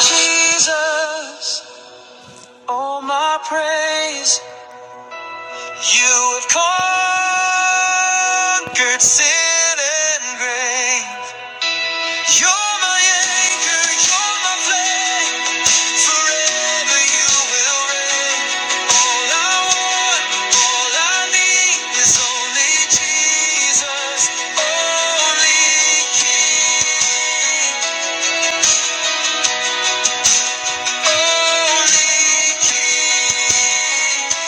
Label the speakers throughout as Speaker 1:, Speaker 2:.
Speaker 1: Jesus, all my praise. You have conquered sin and grave. You're my anchor, you're my flame. Forever you will reign. All I want, all I need is only Jesus, only King, only King.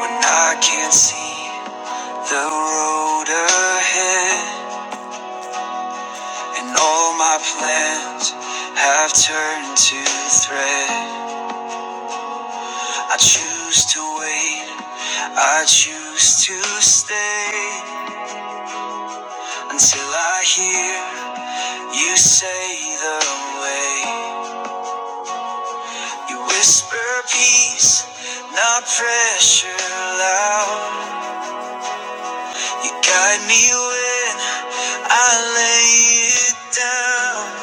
Speaker 1: When I can't see the road ahead, and all my plans have turned to thread. I choose to wait, I choose to stay until I hear you say the way. You whisper peace, not pressure loud. You guide me when I lay it down.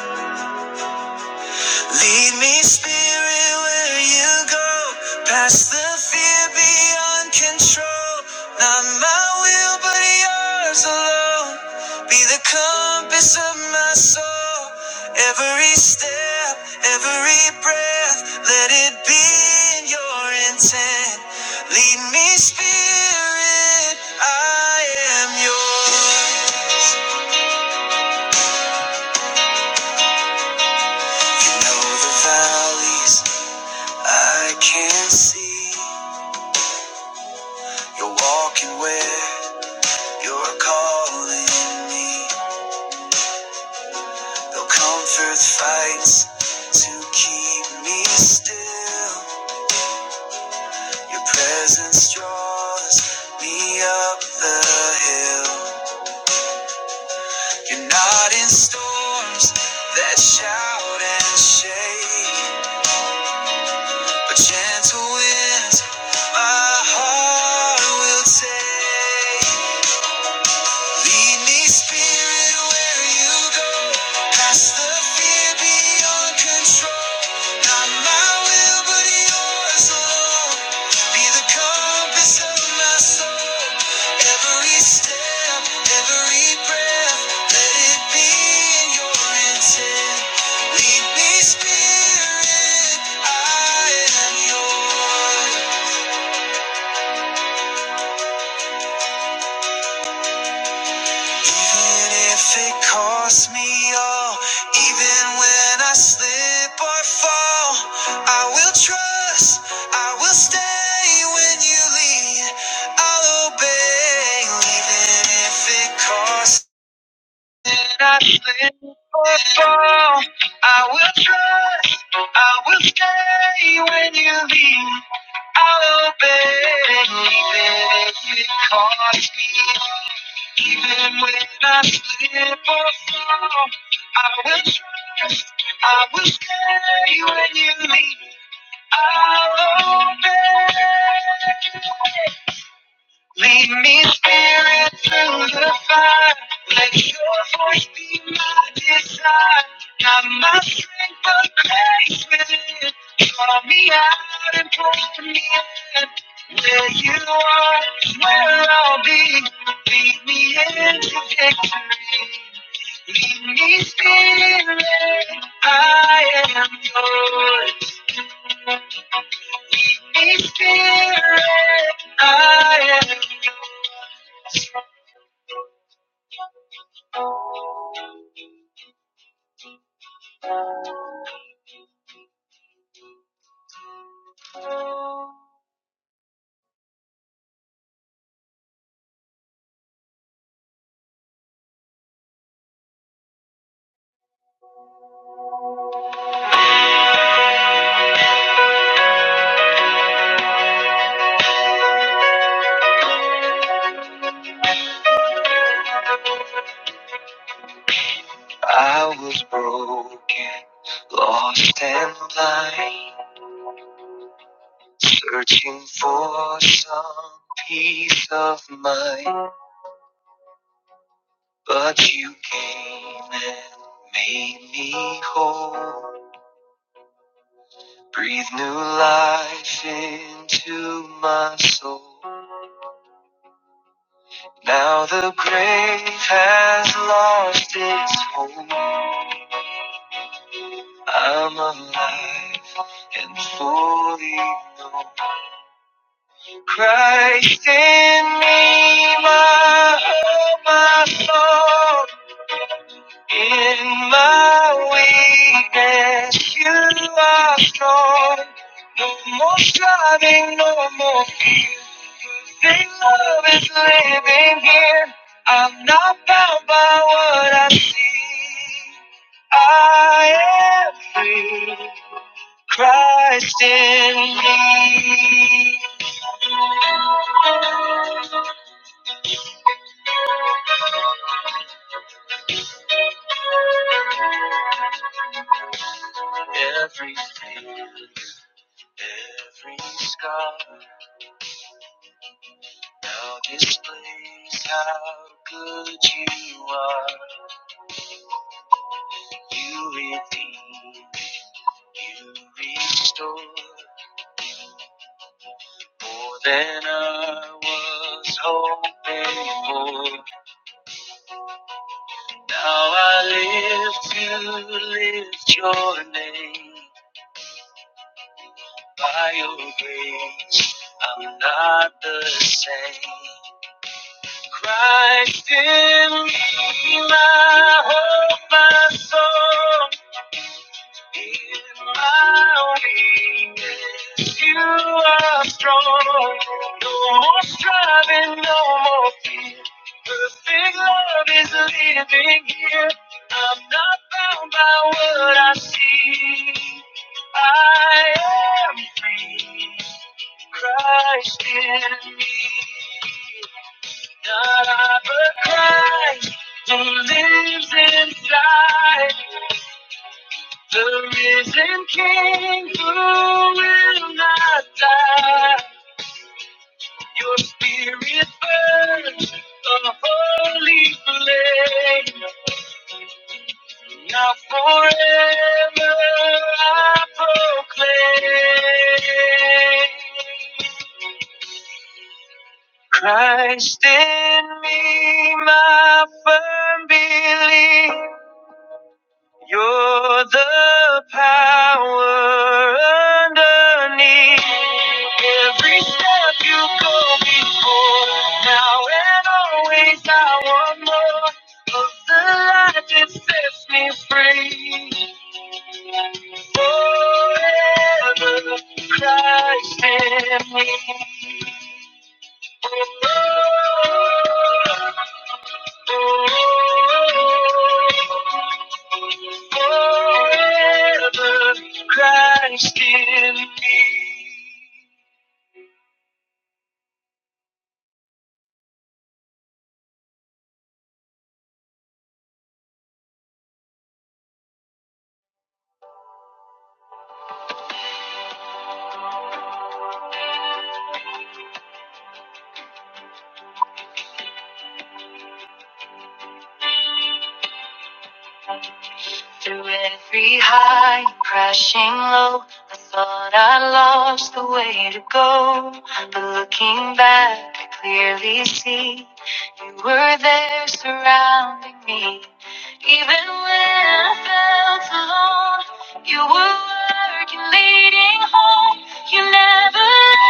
Speaker 1: Lead me, Spirit, where you go. Past the fear beyond control. Not my will, but yours alone. Be the compass of my soul. Every step, every breath, let it be in your intent. Lead me, Spirit, I am yours. You know the valleys I can't see. You're walking where you're calling me. Though comfort fights to keep me still, your presence draws me up the hill. You're not in storms that shout and shake, but gentle winds my heart will take. Lead me, Spirit, where you go. Past the fear beyond control. Not my will, but yours alone. Be the compass of my soul. Every step, every breath, let it be in your intent. Lead me, Spirit, I am yours. Even if it costs me all, even when I slip or fall, I will trust, I will stay when you lead, I'll obey. Even if it costs when I slip or fall, I will trust, I will stay when you lead, I'll obey. Even if it costs me even when I slip or fall, I will trust, I will stay when you lead me. I'll obey. Lead me, Spirit, through the fire. Let your voice be my desire. Not my strength, but grace within. Draw me out and pull me in. Where you are, is where I'll be. Lead me into victory. Lead me, Spirit, I am yours. Lead me, Spirit, I am I was broken, lost and blind, searching for some peace of mind. But you came and made me whole, breathe new life into my soul. Now the grave has lost its hold. I'm alive and fully known. Christ in me, my hope, my soul. In my weakness, you are strong. No more striving, no more fear. Love is living here. I'm not bound by what I see. I am free. Christ in me, everything. Every scar now displays how good you are. You redeem, you restore more than I was hoping for. Now I live to lift your name by your grace. I'm not the same. Christ in me, my hope, my soul, in my weakness, you are strong. No more striving, no more fear. Perfect love is living here. I'm not bound by what I see. I am free. Christ in me. God, I proclaim who lives inside the risen King who will not die. Your spirit burns a holy flame. Now forever I proclaim. Christ in me, my firm belief. You're the power underneath every step you go before. Now and always, I want more of the light that sets me free. Forever, Christ in me. Oh, Forever Christ in me. Through every high and crashing low, I thought I lost the way to go. But looking back, I clearly see you were there surrounding me. Even when I felt alone, you were working, leading home. You never left,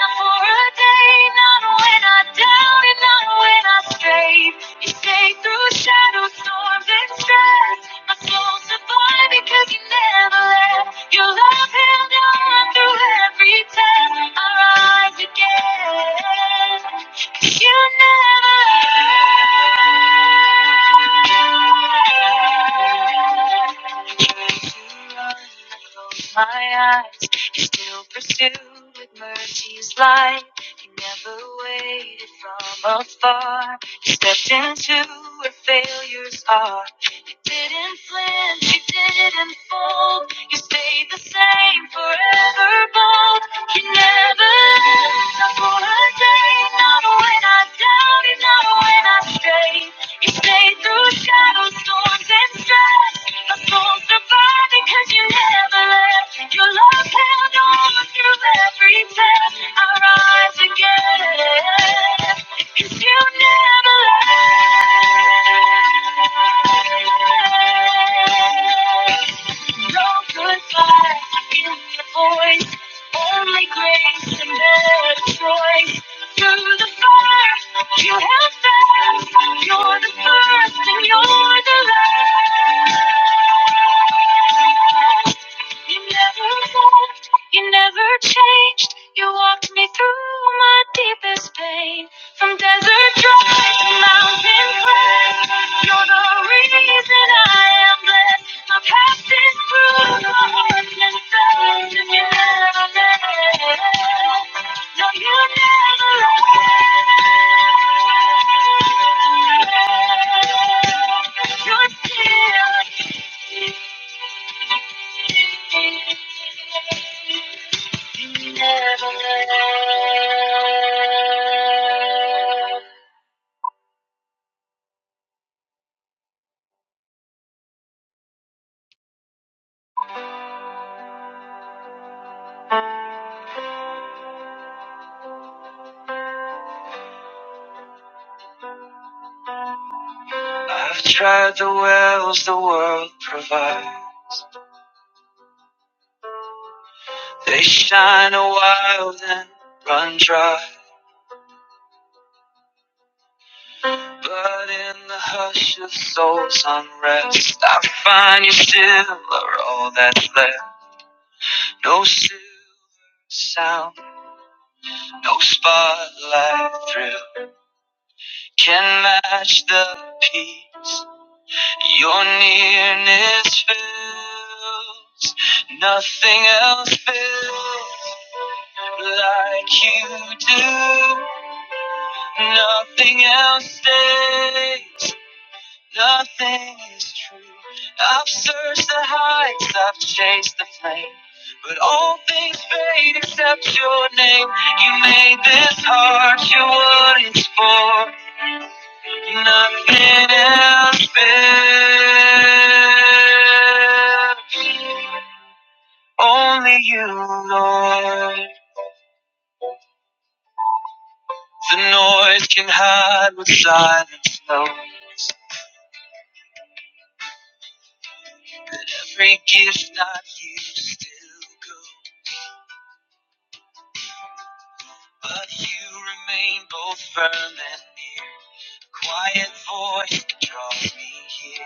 Speaker 1: not for a day, not when I doubted, not when I strayed. You stayed through shadows, storms, and stress. My soul survived because you never left. Your love held on through every test. I rise again. 'Cause you never left. I close my eyes you still pursued with mercy's light. You never waited from afar. You stepped into where failures are. You didn't flinch, you didn't fold. You stayed the same forever bold. You never left, not for a day. Not when I doubted, not when I strayed. You stayed through shadows, storms, and stress. My soul survived because you never left. Your love held on through every test. I rise again. Cause you never left. No goodbye in your voice. Only grace and better choice. Through the fire, you have found. You're the first and you're the last. You never left, you never changed. You walked me through my deepest pain. From desert dry to mountain crest, you're the reason I am blessed. My past is through the heart and fast, and you never left. No, you never will. You're still here. you never will. No silver sound, no spotlight thrill can match the peace. Your nearness fills, nothing else fills like you do. Nothing else stays, nothing is true. I've searched the heights, I've chased the flame, but all things fade except your name. You made this heart your what it's for. Nothing else matters. Only you, Lord. The noise can hide what silence knows. Every gift not you still go. But you remain both firm and near. Quiet voice that draws me here.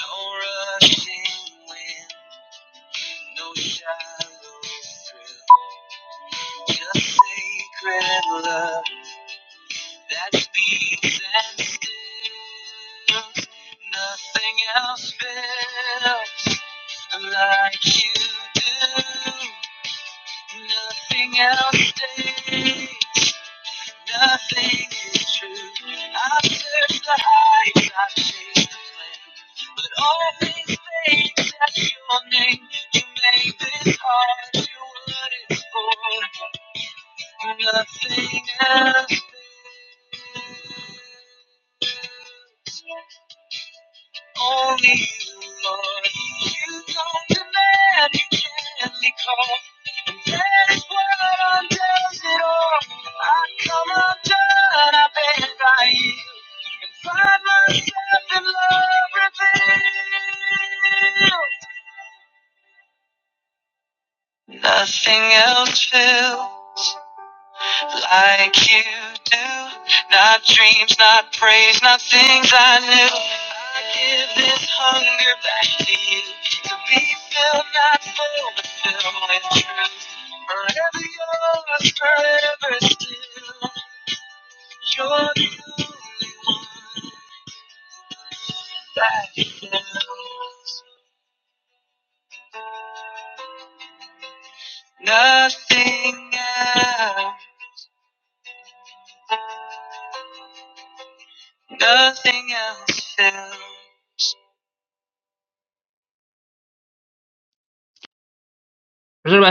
Speaker 1: No rushing wind, no shallow thrill. Just sacred love. that speaks and stills. Nothing else feels like you do. Nothing else stays. Nothing is true. I've searched the heights, I've chased the flame, but all things fade except your name. You make this heart do what it's for. Nothing else. Only you, Lord. You don't demand, you gently call. And that is what undoes it all. I come undone, I beg, I yield. And find myself in love revealed. Nothing else will. like you do. Not dreams, not praise, not things I knew. I give this hunger back to you to be filled, not full, but filled with truth. Forever yours, forever still. You're the only one that fills. Nothing else, nothing else fills. Praise the Lord,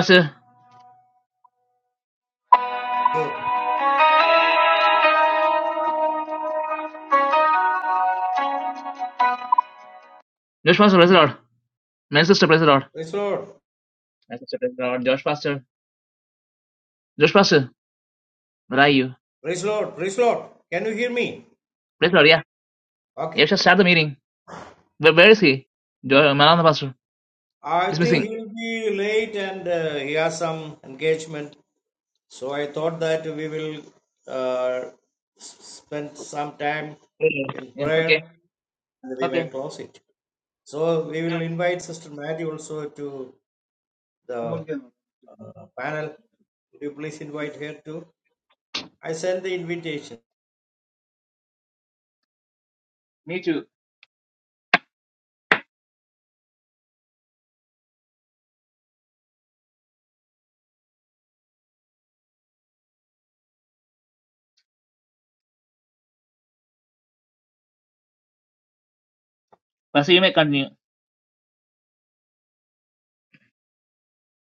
Speaker 2: Lord.
Speaker 1: praise the Lord. My sister, praise the Lord.
Speaker 2: Praise the Lord.
Speaker 1: That's the praise the Lord. Josh Pastor. Josh Pastor, where are you?
Speaker 2: Praise the Lord. Praise the Lord. Can you hear me?
Speaker 1: Praise the Lord, yeah. You
Speaker 2: Okay.
Speaker 1: have to start the meeting. Where, where is he? Josh, Malanda Pastor.
Speaker 2: I
Speaker 1: He's
Speaker 2: think
Speaker 1: missing.
Speaker 2: he'll be late and uh, he has some engagement. So I thought that we will uh, spend some time
Speaker 1: Yeah,
Speaker 2: in
Speaker 1: yeah, okay.
Speaker 2: prayer and we may
Speaker 1: Okay.
Speaker 2: close it. So we
Speaker 1: Yeah,
Speaker 2: will invite Sister Mary also to
Speaker 1: I'm
Speaker 2: the
Speaker 1: working on
Speaker 2: uh, panel. Would you please
Speaker 1: it.
Speaker 2: invite her too? I sent the invitation.
Speaker 1: Me too. Pastor, you may continue.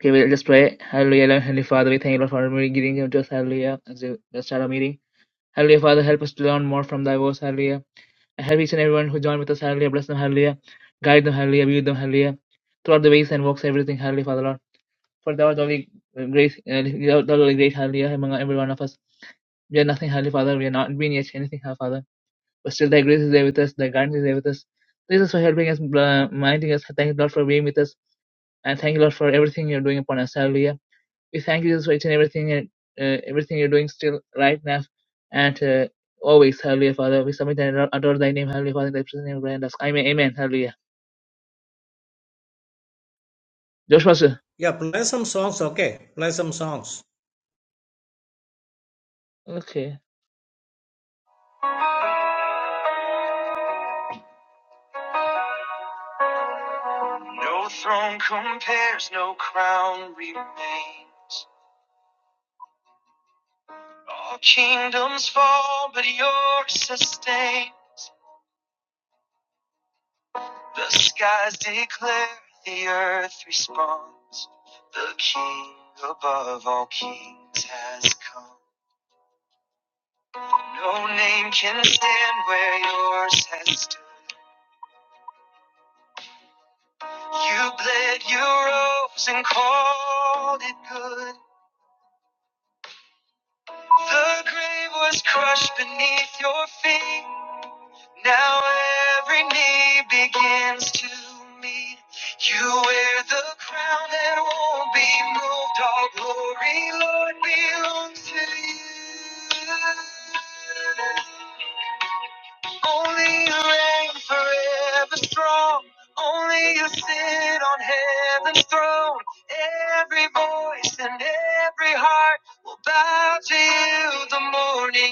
Speaker 1: Okay, we'll just pray. Hallelujah, Lord, Heavenly Father, we thank you, Lord, for meeting, giving to us. Hallelujah. As we just start our meeting. Hallelujah, Father, help us to learn more from thy words. Hallelujah. And help each and everyone who joined with us. Hallelujah. Bless them. Hallelujah. Guide them. Hallelujah. Be with them. Hallelujah. Throughout the ways and walks, everything. Hallelujah, Father, Lord. For thou art only grace, uh, thou art only great, hallelujah, among every one of us. We are nothing, Holy Father. We are not being yet anything, Holy Father. But still, Thy grace is there with us. Thy guidance is there with us. This is for helping us, uh, minding us. Thank you, Lord, for being with us, and thank you, Lord, for everything you're doing upon us. Hallelujah. We thank you, Jesus, for each and everything, and uh, everything you're doing still right now, and uh, always, Hallelujah, Father. We submit and adore Thy name, Hallelujah, Father. In Thy precious name, we pray Amen. Amen. Hallelujah. Josh Pastor.
Speaker 2: Yeah, play some songs. Okay. Play some songs.
Speaker 1: Okay. No throne compares, no crown remains. All kingdoms fall, but yours sustains. The skies declare, the earth responds. The King above all kings has come. No name can stand where yours has stood. You bled, you rose, and called it good. The grave was crushed beneath your feet.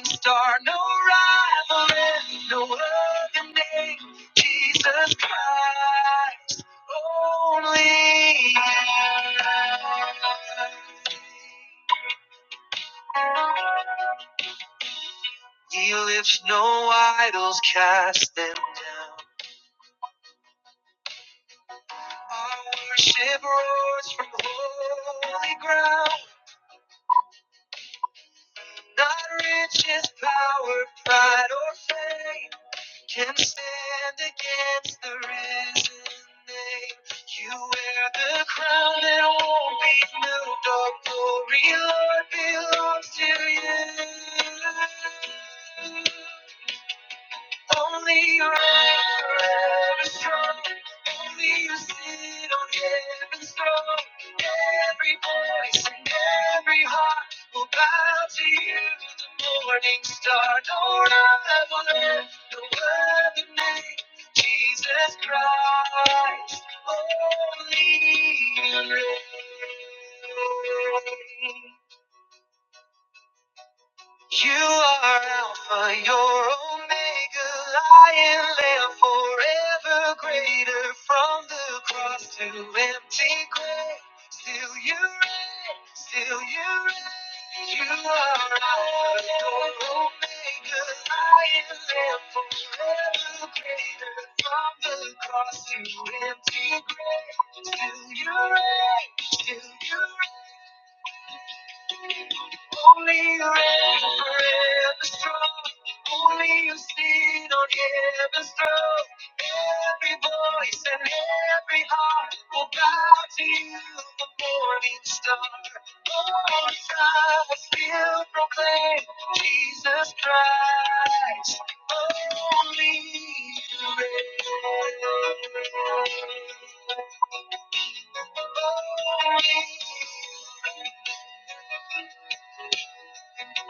Speaker 1: star, no rivalry, no other name, Jesus Christ, only. He lifts no idols, cast them down. Our worship roars from holy ground, not riches, power, pride, or fame. can stand against the risen name. You wear the crown that won't be moved. All glory, Lord, belongs to you. Only your hands are ever strong. Only you sit on heaven's throne. Every voice and every heart will bow to you. The morning star, no rival, earth, no other name. Jesus Christ, only you reign. You are Alpha, your Omega, Lion, Lamb, forever greater. From the cross to empty grave, till you reign, till you reign. You are Alpha, your Omega, Lion, Lamb, forever greater. Cross empty grave, till you reign, till you reign forever strong. up. Every voice and every heart will bow to you, the morning star. Morning star will still proclaim Jesus Christ, only you reign. Only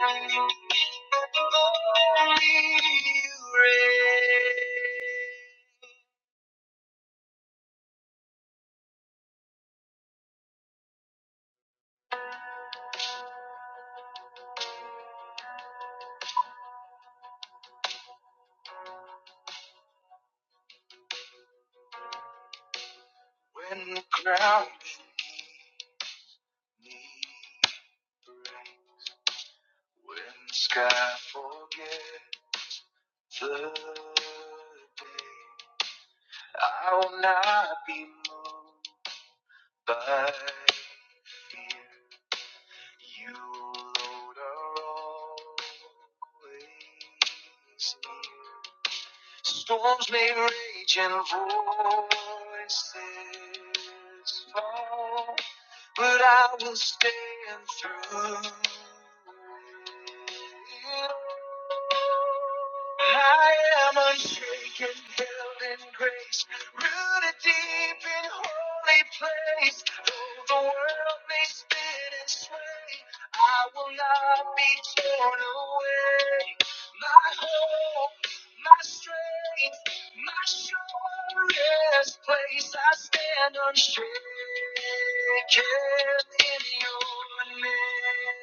Speaker 1: you reign. Only you reign. When the ground beneath break, when the sky forgets the day, I will not be moved by fear. You, Lord, are always near. Storms may rage and voices fall. but I will stand through. it. I am unshaken, held in grace, rooted deep in holy place. Though the world may spin and sway, I will not be torn away. My hope, my strength. My surest place, I stand unshaken in your name.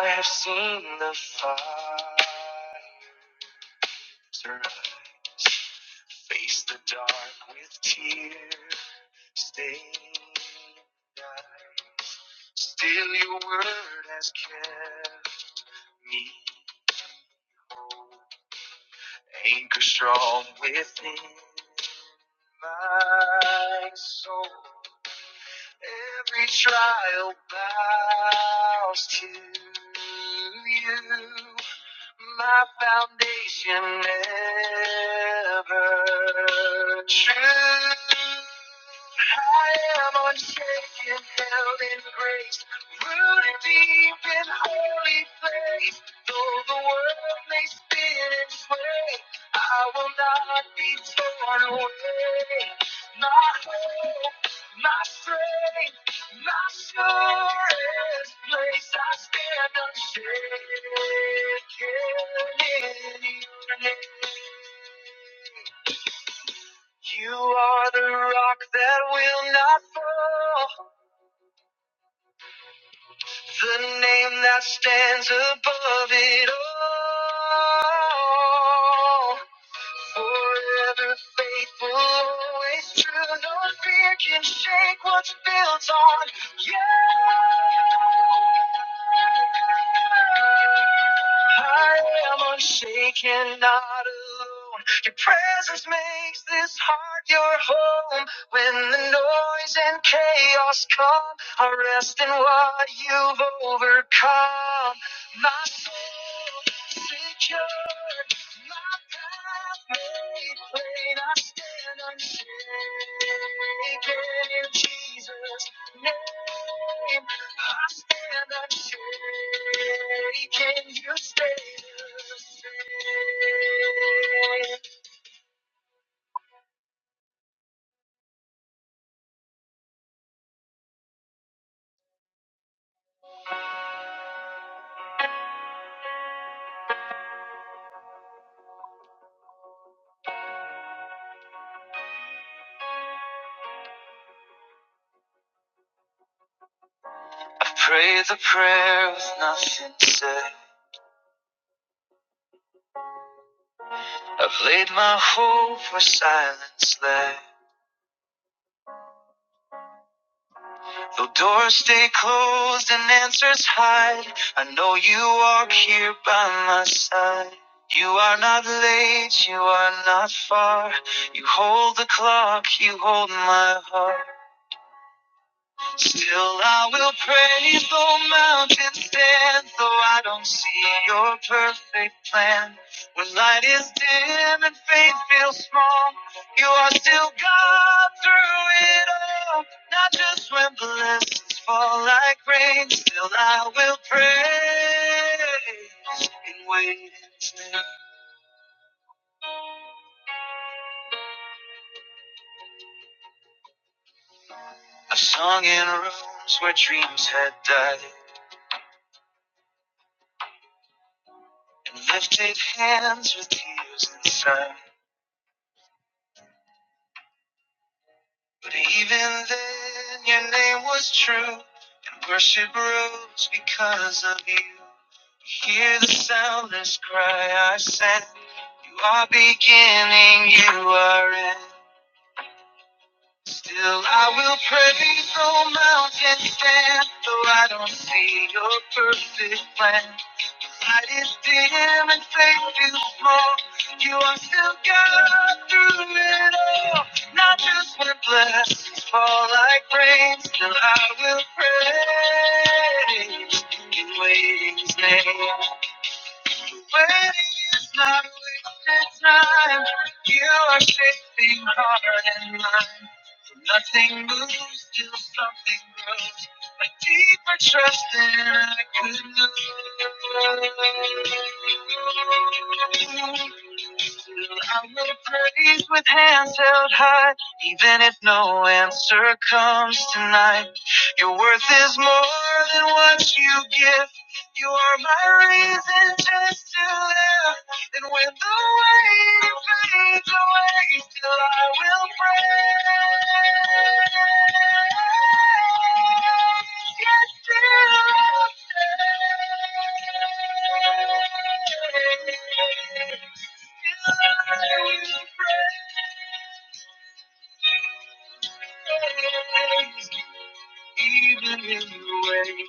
Speaker 1: I have seen the fires rise, face the dark with tear-stained eyes. Still, your word has kept me, anchor strong within my soul. Every trial bows to you. My foundation ever true. I am unshaken, held in grace, rooted deep in holy place. Though the world may spin and sway, I will not be torn away. My hope my strength, my surest place, I stand unshaken in your name. You are the rock that will not fall, the name that stands above it all. Forever faithful, always true. No fear can shake what's built on you. I am unshaken, not alone. Your presence makes this heart your home. When the noise and chaos come, I rest in what you've overcome. My soul secure. I've prayed the prayer with nothing said. I've laid my hope where silence lay. Though doors stay closed and answers hide, I know you walk here by my side. You are not late, you are not far. You hold the clock, you hold my heart. Still, I will praise though mountains stand, though I don't see your perfect plan. When light is dim and faith feels small, you are still God through it all. Not just when blessings fall like rain, still I will praise and wait. I've sung in rooms where dreams had died and lifted hands with tears inside. But even then, your name was true, and worship rose because of you. We Hear the soundless cry I sent. You are beginning, you are end. Still, I will praise, though mountains stand, though I don't see your perfect plan. Light is dim and faith is small. You are still God through it all. Not just when blessings fall like rain, still I will praise in waiting's name. Waiting is not wasted time. You are shaping heart and mind. Nothing moves till something grows. A deeper trust than I could know. I will praise with hands held high, even if no answer comes tonight. Your worth is more than what you give. You are my reason just to live. And when the waiting fades away, still I will pray. Yes, still I'll pray. Still I will praise. Even in the way,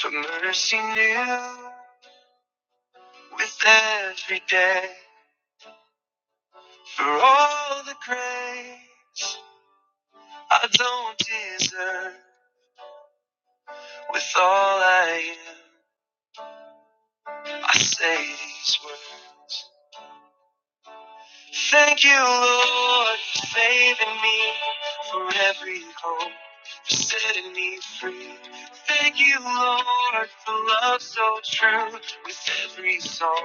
Speaker 1: for mercy new with every day, for all the grace. I don't deserve with all I am. I say these words. Thank you, Lord, for saving me for every hope, for setting me free. Thank you, Lord, for love so true. With every song,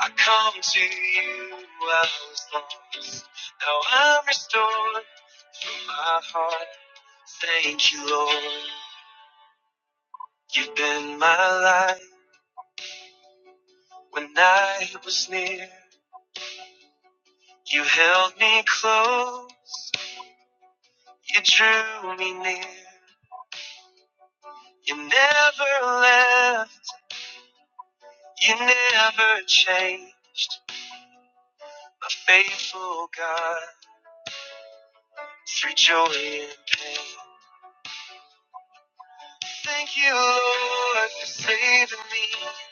Speaker 1: I come to you. I was lost, now I'm restored. My heart, thank you, Lord. You've been my light. When I was near, you held me close, you drew me near. You never left, you never changed. A faithful God, through joy and pain. Thank you, Lord, for saving me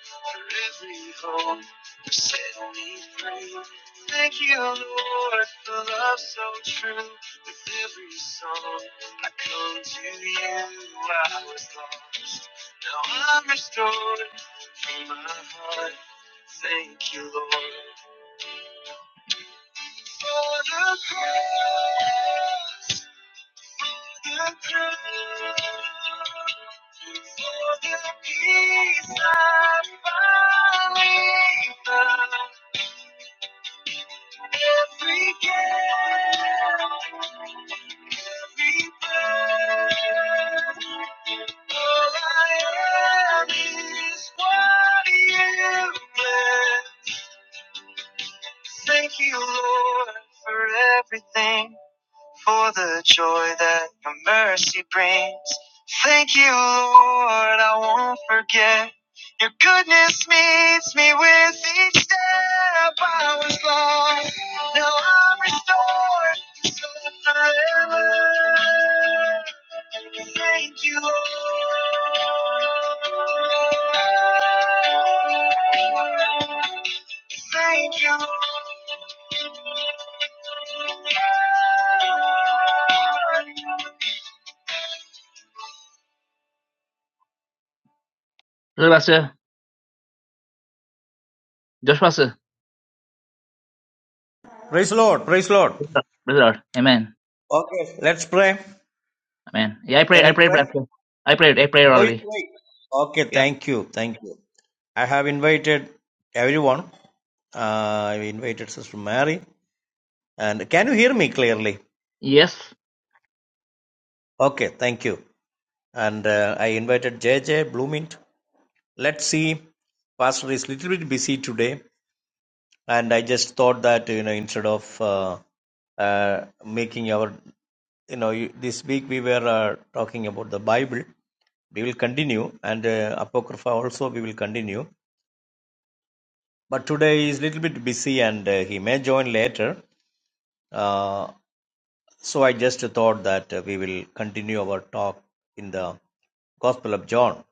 Speaker 1: for every hope for setting me free. Thank you, Lord, for love so true. With every song, I come to you. I was lost, now I'm restored from my heart. Thank you, Lord, for the cross, the cross. So the peace I finally found, every gap, every burden's Thank you, Lord, for everything, for the joy that your mercy brings. Thank you, Lord. Look, Pastor. Josh Pastor.
Speaker 2: Praise the Lord. Praise the Lord.
Speaker 1: Praise the Lord. Praise the Lord. Amen.
Speaker 2: Okay. Let's pray.
Speaker 1: Amen. Yeah, I
Speaker 2: Can
Speaker 1: prayed. I
Speaker 2: you
Speaker 1: prayed,
Speaker 2: play?
Speaker 1: Pastor. I prayed. I prayed
Speaker 2: Oh, you
Speaker 1: already.
Speaker 2: play. Okay, thank you. Thank you. I have invited everyone. Uh, i invited Sister Mary. And can you hear me clearly?
Speaker 1: Yes.
Speaker 2: Okay, thank you. And uh, I invited J JJ Bloomint. Let's see. Pastor is a little bit busy today, and I just thought that you know instead of uh, uh, making our you know you- this week we were uh, talking about the Bible. We will continue, and uh, Apocrypha also we will continue. but today he is a little bit busy and uh, he may join later. Uh, so I just thought that uh, we will continue our talk in the Gospel of John.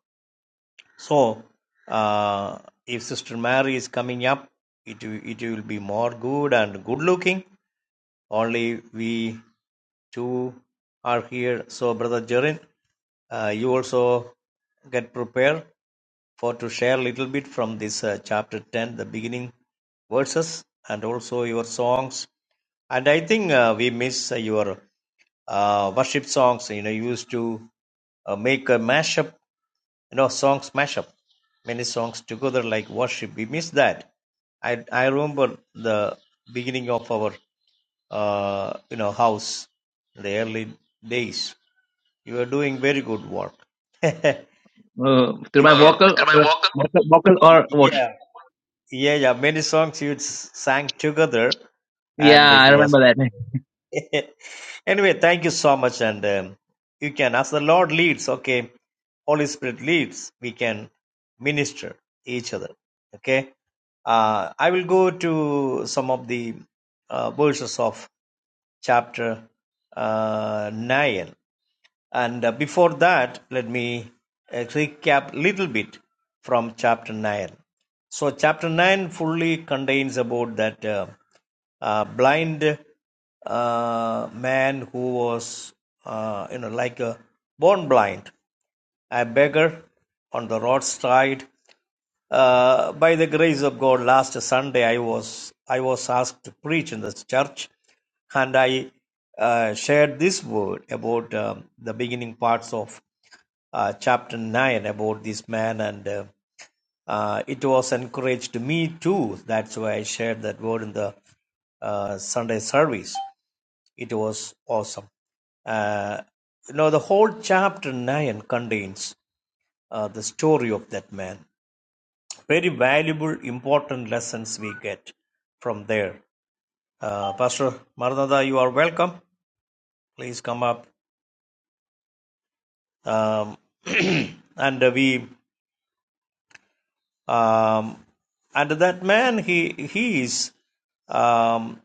Speaker 2: So uh, if Sister Mary is coming up, it it will be more good and good looking. Only we two are here. So Brother Jerin, uh, you also get prepared for to share a little bit from this uh, chapter ten, the beginning verses, and also your songs And I think uh, we miss uh, your uh, worship songs. You know, you used to uh, make a mashup, you know, songs mashup, many songs together like worship. We miss that. I I remember the beginning of our uh, you know house, the early days. You were doing very good work. you Uh, can.
Speaker 1: Uh, through my
Speaker 2: Uh,
Speaker 1: vocal or
Speaker 2: did I walk up?
Speaker 1: vocal, vocal or what?
Speaker 2: Yeah, yeah, yeah. Many songs you sang together,
Speaker 1: Yeah,
Speaker 2: and
Speaker 1: I
Speaker 2: it was
Speaker 1: remember that.
Speaker 2: anyway, thank you so much. And um, you can, as the Lord leads, okay, Holy Spirit leads, we can minister each other. Okay. Uh, I will go to some of the uh, verses of chapter uh, 9. And uh, before that, let me uh, recap little bit from chapter 9. So chapter 9 fully contains about that uh, uh, blind uh, man who was, uh, you know, like a born blind, a beggar on the roadside, uh, by the grace of God, last Sunday I was I was asked to preach in this church, and I uh, shared this word about um, the beginning parts of uh, chapter nine about this man, and uh, uh, it was encouraged me too. That's why I shared that word in the uh, Sunday service. It was awesome. Uh, you know, the whole chapter nine contains uh, the story of that man very valuable, important lessons we get from there. Uh, Pastor Maranatha, you are welcome. Please come up. Um, and we, um, and that man, he he is um,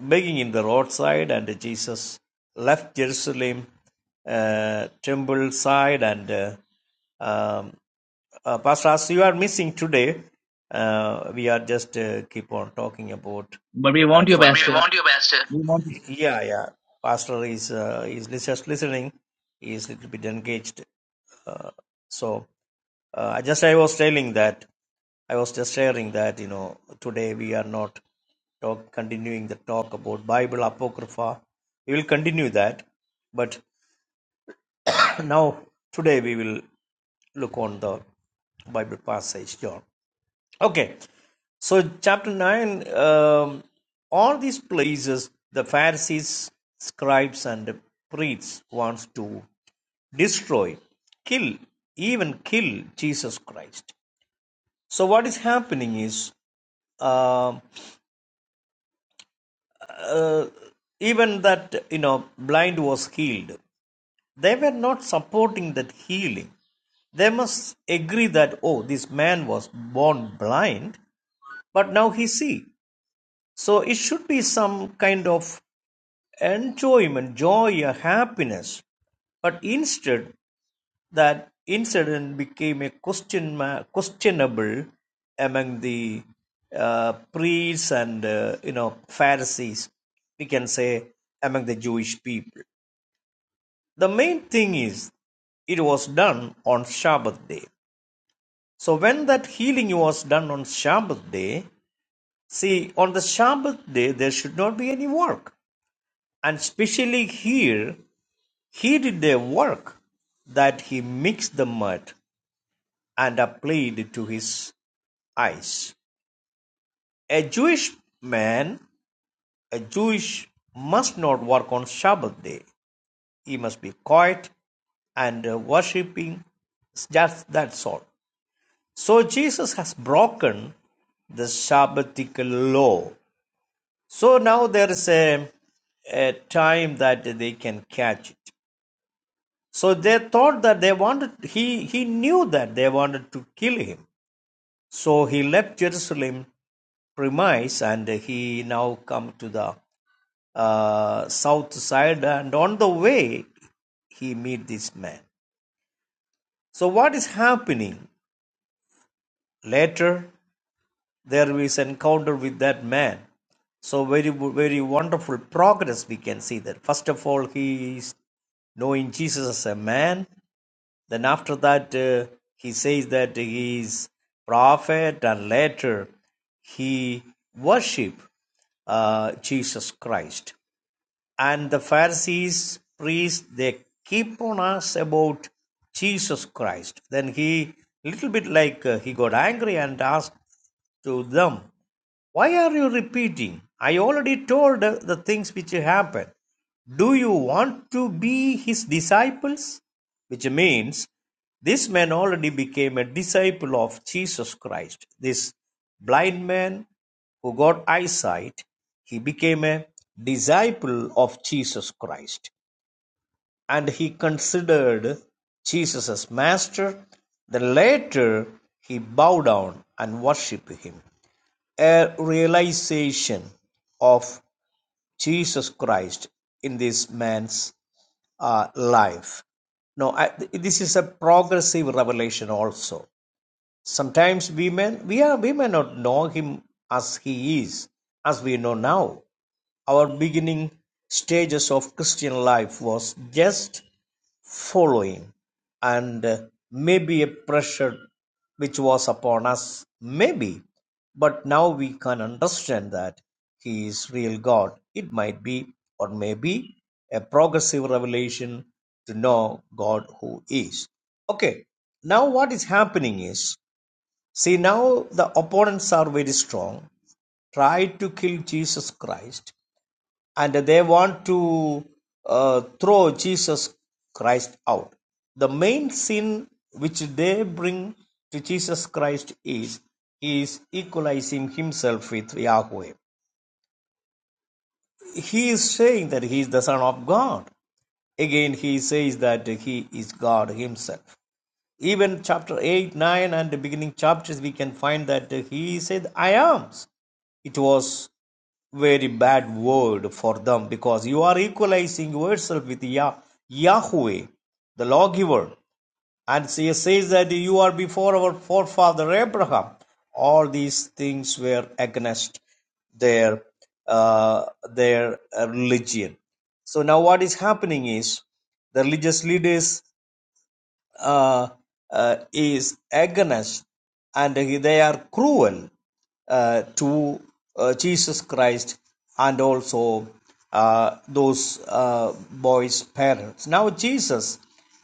Speaker 2: begging in the roadside, and Jesus left Jerusalem uh, temple side, and uh, um, uh, Pastor, as you are missing today, uh, we are just uh, keep on talking about
Speaker 1: But we
Speaker 2: uh,
Speaker 1: want
Speaker 2: from.
Speaker 1: you,
Speaker 2: But we the
Speaker 1: Pastor.
Speaker 2: want you, Pastor.
Speaker 1: We want you.
Speaker 2: yeah yeah pastor is uh, is just listening he is a little bit engaged uh, so uh, I just i was telling that i was just sharing that you know today we are not talk continuing the talk about bible apocrypha we will continue that but now today we will look on the bible passage john Okay, so chapter 9, um, all these places the Pharisees, scribes, and priests wants to destroy, kill, even kill Jesus Christ. So what is happening is uh, uh, even that you know blind was healed they were not supporting that healing they must agree that oh this man was born blind but now he see So it should be some kind of enjoyment, joy, or happiness. But instead, that incident became a question questionable among the uh, priests and uh, you know Pharisees. We can say among the Jewish people. The main thing is it was done on Sabbath day. So when that healing was done on Sabbath day, see on the Sabbath day there should not be any work And specially here he did a work that he mixed the mud and applied it to his eyes. A Jewish man, a Jewish must not work on Sabbath day. He must be quiet and uh, worshipping. Just that's all. So Jesus has broken the Sabbatical law. So now there is a, a time that they can catch it. So they thought that they wanted, he, he knew that they wanted to kill him. So he left Jerusalem premise and he now come to the uh, south side and on the way he meet this man. So what is happening? Later there is encounter with that man. So very, very wonderful progress we can see that. First of all, he is knowing Jesus as a man Then after that uh, he says that he is prophet and later he worship uh, Jesus Christ and the Pharisees, priests, they keep on us about Jesus Christ. Then he, little bit like uh, he got angry and asked to them, Why are you repeating? I already told uh, the things which happened. Do you want to be his disciples? Which means this man already became a disciple of Jesus Christ. This blind man who got eyesight, he became a disciple of Jesus Christ, and he considered Jesus as master. Then later, he bowed down and worshiped him. A realization of Jesus Christ in this man's uh, life. Now I, this is a progressive revelation also. Sometimes we may, we, are, we may not know him as he is, as we know now. Our beginning stages of Christian life was just following, and uh, maybe a pressure which was upon us, maybe. But now we can understand that he is real God. It might be, or maybe, a progressive revelation to know God who is. Okay, now what is happening is See, now the opponents are very strong, try to kill Jesus Christ, and they want to uh, throw Jesus Christ out. The main sin which they bring to Jesus Christ is is equalizing himself with Yahweh. He is saying that he is the Son of God. Again, he says that he is God himself. Even chapter 8, 9, and the beginning chapters, we can find that he said, I am. It was very bad word for them because you are equalizing yourself with Yah- Yahweh, the lawgiver. And he says that you are before our forefather Abraham. All these things were against their uh, their religion. So now what is happening is the religious leaders uh, uh, is against and they are cruel uh, to uh, Jesus Christ and also uh, those uh, boys' parents. Now, Jesus,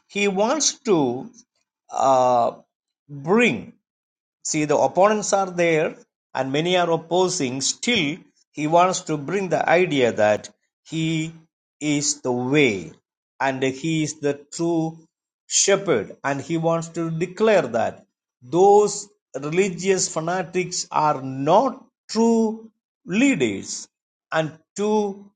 Speaker 2: he wants to uh, bring See, the opponents are there and many are opposing. Still, he wants to bring the idea that he is the way and he is the true shepherd. And he wants to declare that those religious fanatics are not true leaders and true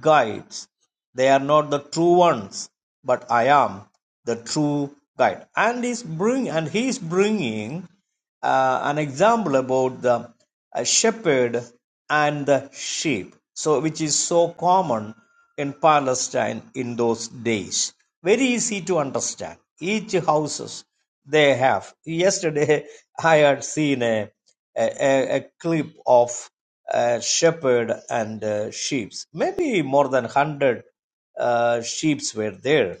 Speaker 2: guides. They are not the true ones, but I am the true guide. And, is bring, and he is bringing uh, an example about the uh, shepherd and the sheep so which is so common in palestine in those days very easy to understand each houses they have yesterday i had seen a, a, a clip of a shepherd and uh, sheep maybe more than 100 uh, sheep were there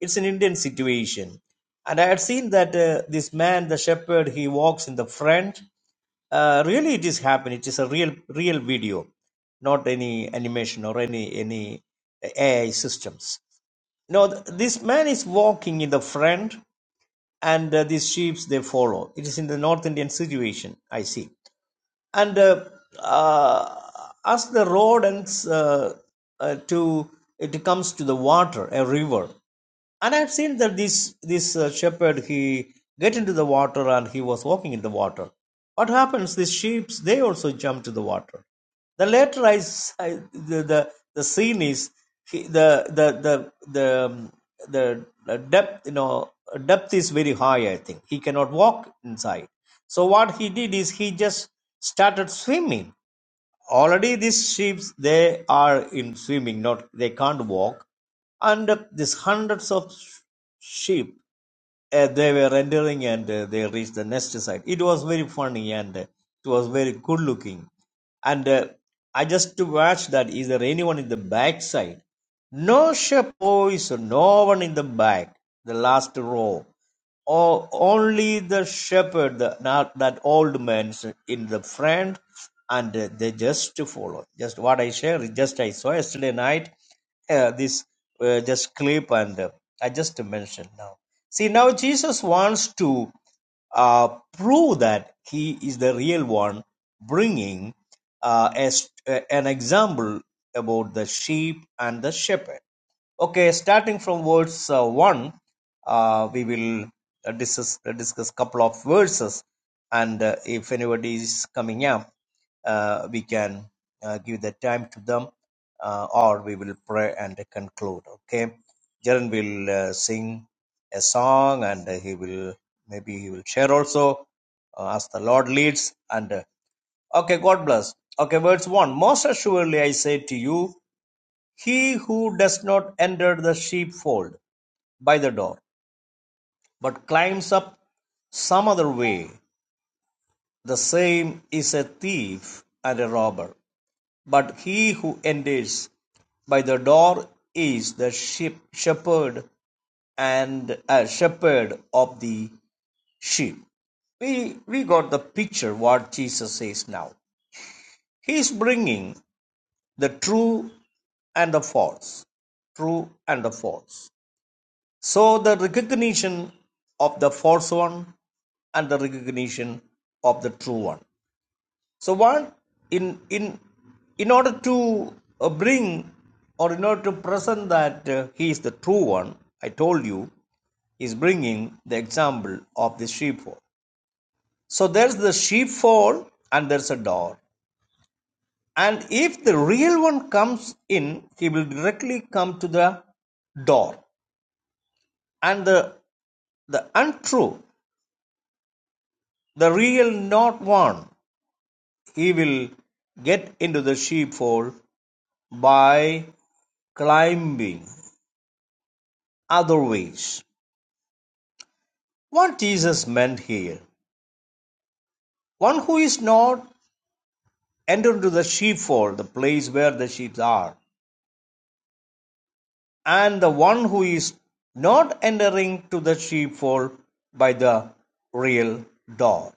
Speaker 2: it's an indian situation and I had seen that uh, this man, the shepherd, he walks in the front. Uh, really, it is happening. It is a real, real video, not any animation or any any AI systems. No, th- this man is walking in the front, and uh, these sheep they follow. It is in the North Indian situation. I see and uh, uh, as the road ends uh, uh, to it comes to the water a river and i've seen that this this uh, shepherd he get into the water and he was walking in the water what happens the sheep they also jump to the water the later I, s- I- the, the the scene is he, the the the the um, the uh, depth you know depth is very high. I think he cannot walk inside. So what he did is he just started swimming already these sheep they are in swimming not they can't walk and uh, these hundreds of sh- sheep uh, they were entering and uh, they reached the nest site it was very funny and uh, it was very good looking and uh, i just to watch that is there anyone in the back side no sheep boys no one in the back the last row O- only the shepherd, the, not that old man's in the front, and they just follow. Just what I share, just I saw yesterday night, uh, this uh, just clip, and uh, I just mentioned now. See, now Jesus wants to uh, prove that he is the real one, bringing uh, as, uh, an example about the sheep and the shepherd. Okay, starting from verse uh, 1, uh, we will uh, discuss uh, discuss couple of verses, and uh, if anybody is coming up, uh, we can uh, give the time to them, uh, or we will pray and conclude. Okay, Jaren will uh, sing a song, and uh, he will maybe he will share also uh, as the Lord leads. And uh, okay, God bless. Okay, verse one. Most assuredly, I say to you. He who does not enter the sheepfold by the door, but climbs up some other way, the same is a thief and a robber. But he who enters by the door is the sheep shepherd and a shepherd of the sheep. We, we got the picture what Jesus says now. He is bringing the true and the false. True and the false. So the recognition of the false one and the recognition of the true one. So what in in in order to uh, bring or in order to present that uh, he is the true one, I told you is bringing the example of the sheepfold. So there's the sheepfold and there's a door. And if the real one comes in, he will directly come to the door. And the the untrue The real not one he will get into the sheepfold by climbing other ways. What Jesus meant here one who is not entered into the sheepfold, the place where the sheep are, and the one who is not entering to the sheepfold by the real door.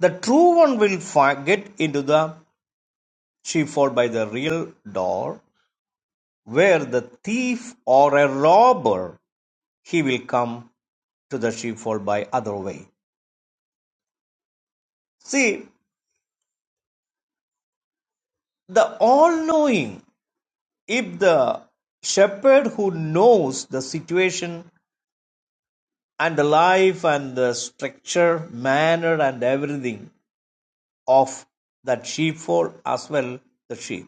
Speaker 2: The true one will fi- get into the sheepfold by the real door, where the thief or a robber he will come to the sheepfold by other way. See, the all knowing, if the shepherd who knows the situation and the life and the structure, manner, and everything of that sheepfold as well the sheep.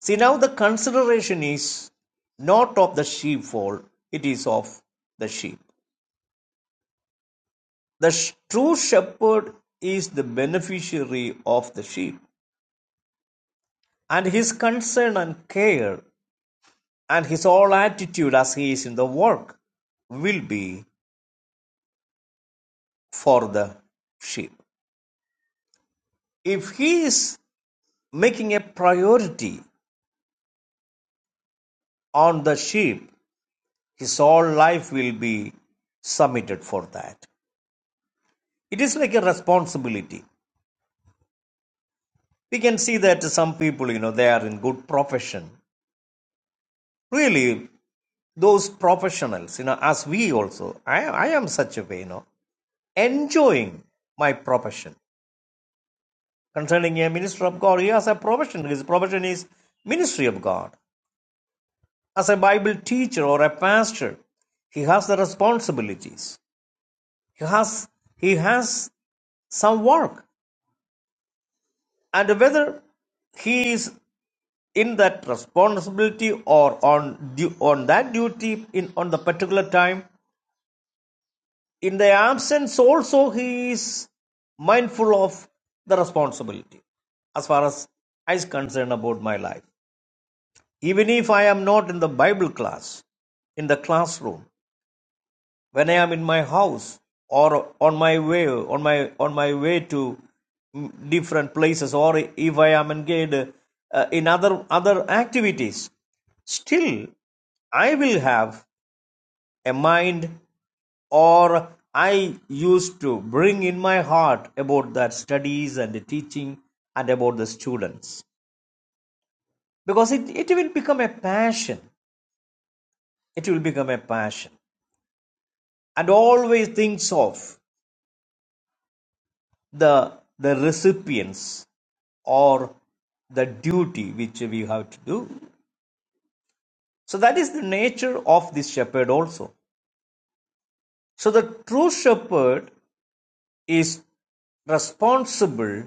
Speaker 2: See, now the consideration is not of the sheepfold, it is of the sheep. The sh- true shepherd is the beneficiary of the sheep, and his concern and care And his whole attitude as he is in the work will be for the sheep. If he is making a priority on the sheep, his whole life will be submitted for that. It is like a responsibility. We can see that some people, you know, they are in good profession. Really, those professionals, you know, as we also, I, I am such a way, you know, enjoying my profession Concerning a minister of God, he has a profession. His profession is ministry of God. As a Bible teacher or a pastor, he has the responsibilities. He has he has some work. And whether he is in that responsibility or on du- on that duty in on the particular time, in the absence also he is mindful of the responsibility as far as I is concerned about my life. Even if I am not in the Bible class, in the classroom, when I am in my house or on my way, on my on my way to mm, different places, or if I am engaged uh, in other other activities, still I will have a mind or I used to bring in my heart about that studies and the teaching and about the students. Because it, it will become a passion. It will become a passion. and always thinks of the, the recipients or the duty which we have to do. So that is the nature of this shepherd also. So the true shepherd is responsible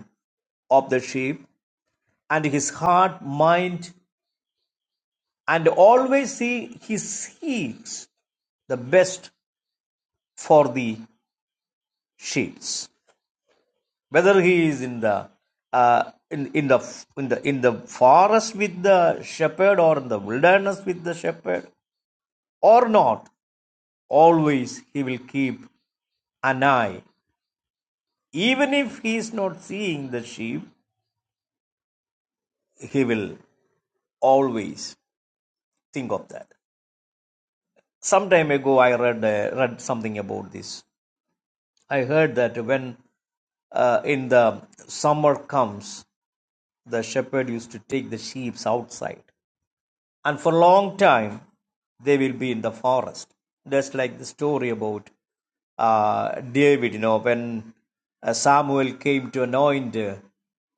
Speaker 2: of the sheep and his heart, mind, and always he, he seeks the best for the sheep. whether he is in the uh, in, in the in the in the forest with the shepherd or in the wilderness with the shepherd or not always he will keep an eye even if he is not seeing the sheep he will always think of that some time ago i read uh, read something about this i heard that when uh, in the summer comes the shepherd used to take the sheep outside and for a long time they will be in the forest just like the story about uh, david you know when uh, samuel came to anoint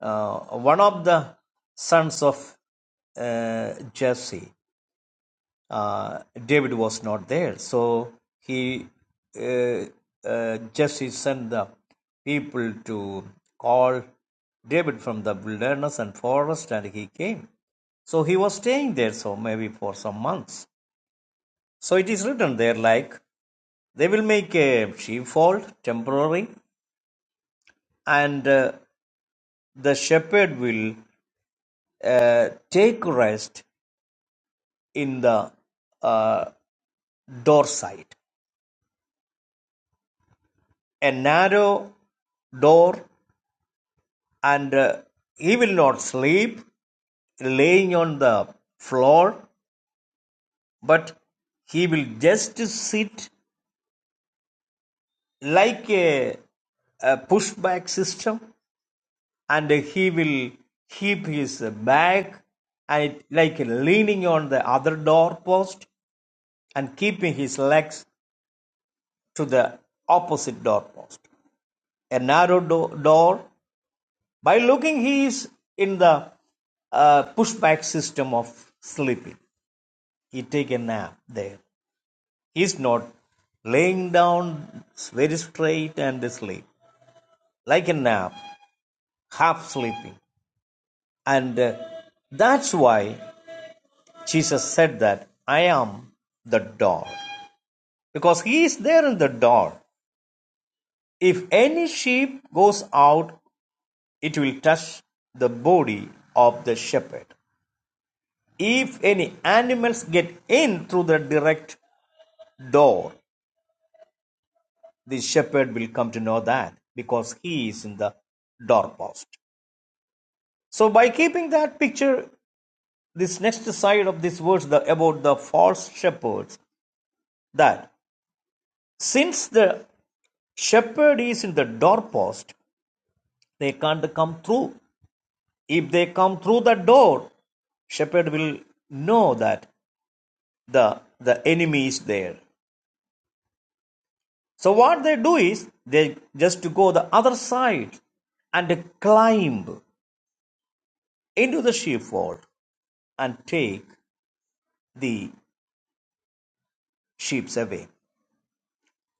Speaker 2: uh, one of the sons of uh, jesse uh, David was not there. So he uh, uh, just he sent the people to call David from the wilderness and forest, and he came. So he was staying there, so maybe for some months. So it is written there like they will make a sheepfold temporary, and uh, the shepherd will uh, take rest in the uh, door side. A narrow door and uh, he will not sleep laying on the floor, but he will just sit like a, a pushback system and he will keep his back and like leaning on the other doorpost and keeping his legs to the opposite doorpost. A narrow do- door. By looking, he is in the uh, pushback system of sleeping. he take a nap there. He's not laying down very straight and sleep like a nap, half sleeping, and uh, that's why Jesus said that I am the door because he is there in the door. If any sheep goes out, it will touch the body of the shepherd. If any animals get in through the direct door, the shepherd will come to know that because he is in the doorpost. So by keeping that picture, this next side of this verse the, about the false shepherds, that since the shepherd is in the doorpost, they can't come through. If they come through the door, shepherd will know that the the enemy is there. So what they do is they just to go the other side and climb into the sheepfold and take the sheep away.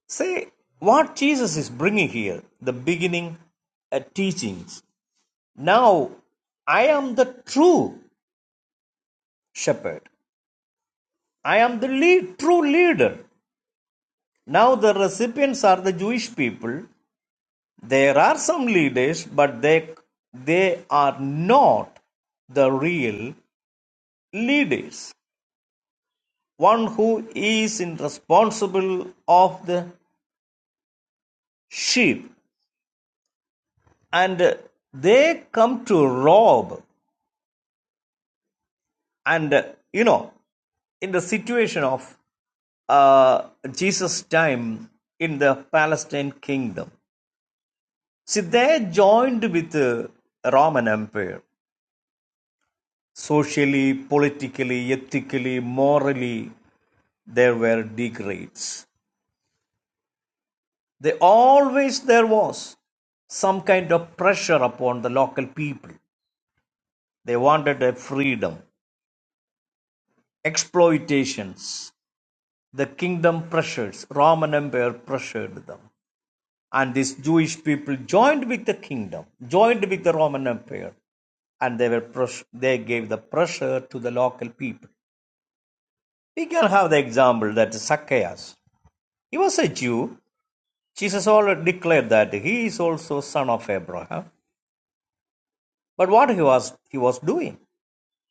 Speaker 2: Say what Jesus is bringing here, the beginning uh, teachings. Now, I am the true shepherd. I am the lead, true leader. Now, the recipients are the Jewish people. There are some leaders, but they, they are not the real leaders one who is in responsible of the sheep and they come to rob and you know in the situation of uh, jesus time in the palestine kingdom see they joined with the roman empire socially politically ethically morally there were degrades they always there was some kind of pressure upon the local people they wanted a freedom exploitations The kingdom pressures, Roman Empire pressured them. And these Jewish people joined with the kingdom, joined with the Roman Empire, and they were press- they gave the pressure to the local people. We can have the example that Zacchaeus, he was a Jew. Jesus already declared that he is also son of Abraham. But what he was he was doing?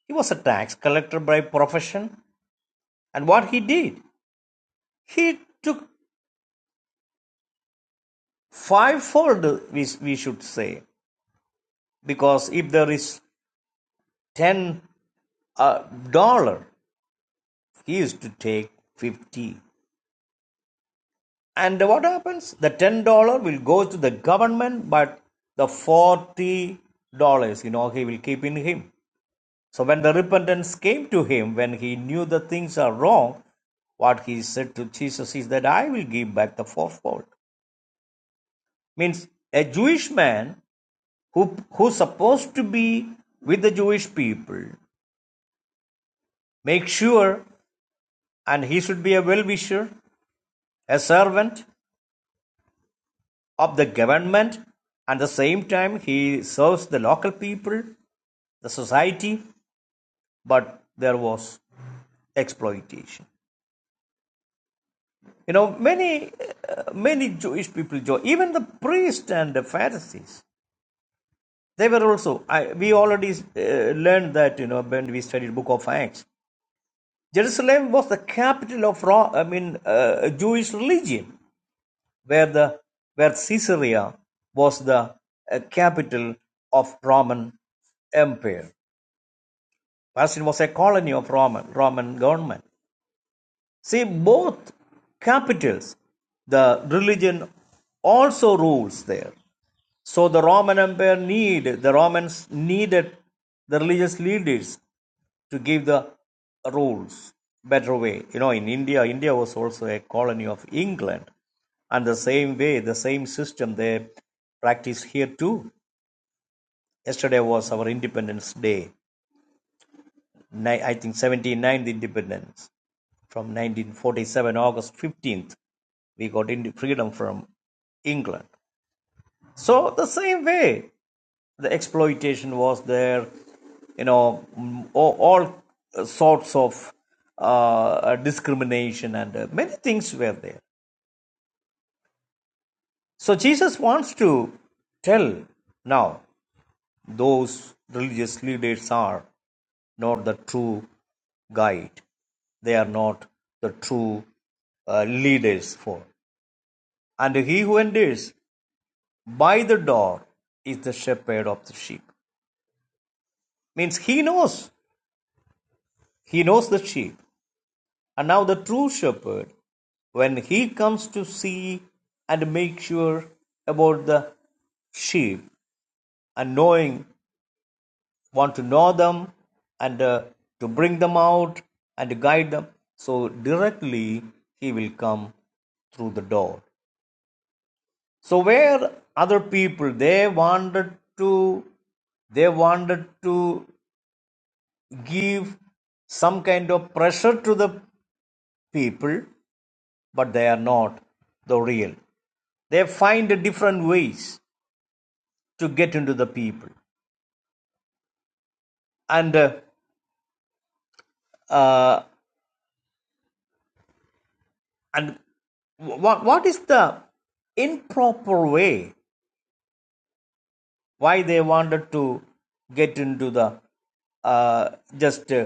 Speaker 2: He was a tax collector by profession, and what he did, he took fivefold. We, we should say because if there is ten uh, dollar he used to take 50 and what happens the 10 dollar will go to the government but the 40 dollars you know he will keep in him so when the repentance came to him when he knew the things are wrong what he said to jesus is that i will give back the fourfold means a jewish man who who's supposed to be with the jewish people make sure and he should be a well-wisher a servant of the government. At the same time, he serves the local people, the society, but there was exploitation. You know, many, uh, many Jewish people, even the priests and the Pharisees, they were also, I, we already uh, learned that, you know, when we studied the Book of Acts. Jerusalem was the capital of, Ro- I mean, uh, Jewish religion, where the, where Caesarea was the uh, capital of Roman Empire. Palestine was a colony of Roman, Roman government. See, both capitals, the religion also rules there. So the Roman Empire need the Romans needed the religious leaders to give the rules better way. You know, in India, India was also a colony of England, and the same way, the same system they practice here too. Yesterday was our Independence Day. I think seventy ninth Independence. from 1947 august 15th we got into freedom from england so the same way the exploitation was there you know all, sorts of uh, discrimination and uh, many things were there so jesus wants to tell now those religious leaders are not the true guide they are not the true uh, leaders for. And he who enters by the door is the shepherd of the sheep. Means he knows. He knows the sheep. And now the true shepherd, when he comes to see and make sure about the sheep and knowing, want to know them and uh, to bring them out and to guide them, so directly he will come through the door. so where other people they wanted to they wanted to give some kind of pressure to the people but they are not the real they find different ways to get into the people and uh, uh, and what what is the improper way why they wanted to get into the uh, just uh,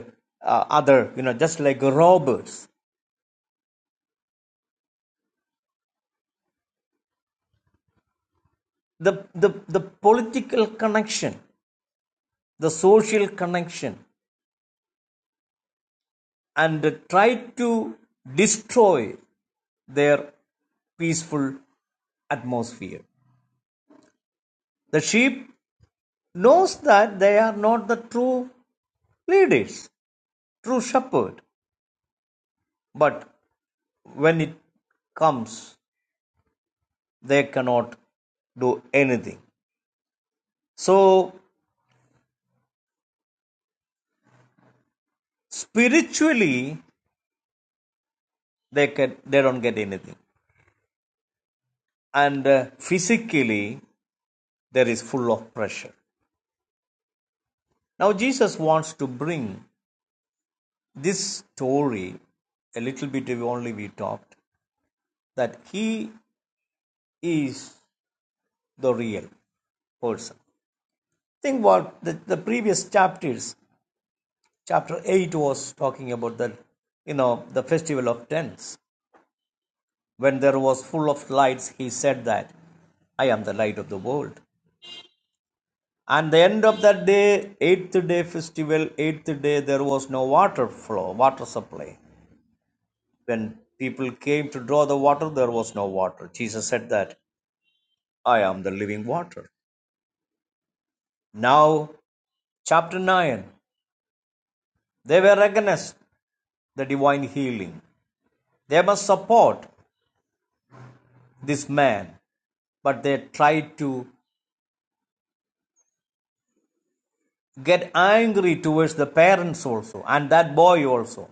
Speaker 2: uh, other you know just like robbers the, the, the political connection, the social connection, and try to destroy their peaceful atmosphere. The sheep knows that they are not the true leaders, true shepherd, but when it comes, they cannot do anything. So spiritually, they can they don't get anything, and uh, physically there is full of pressure. Now, Jesus wants to bring this story a little bit only we talked that he is the real person. Think what the, the previous chapters, chapter 8 was talking about the you know the festival of tents. When there was full of lights, he said that I am the light of the world. And the end of that day, eighth day festival, eighth day, there was no water flow, water supply. When people came to draw the water, there was no water. Jesus said that I am the living water. Now, chapter 9, they were against the divine healing. They must support this man, but they tried to get angry towards the parents also and that boy also.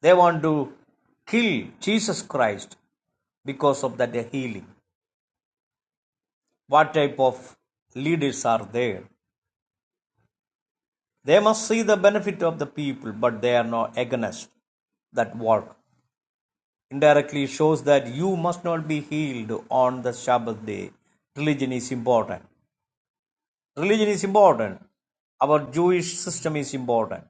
Speaker 2: They want to kill Jesus Christ because of that healing. What type of leaders are there? They must see the benefit of the people, but they are not against that work. Indirectly shows that you must not be healed on the Sabbath day. Religion is important. Religion is important. Our Jewish system is important.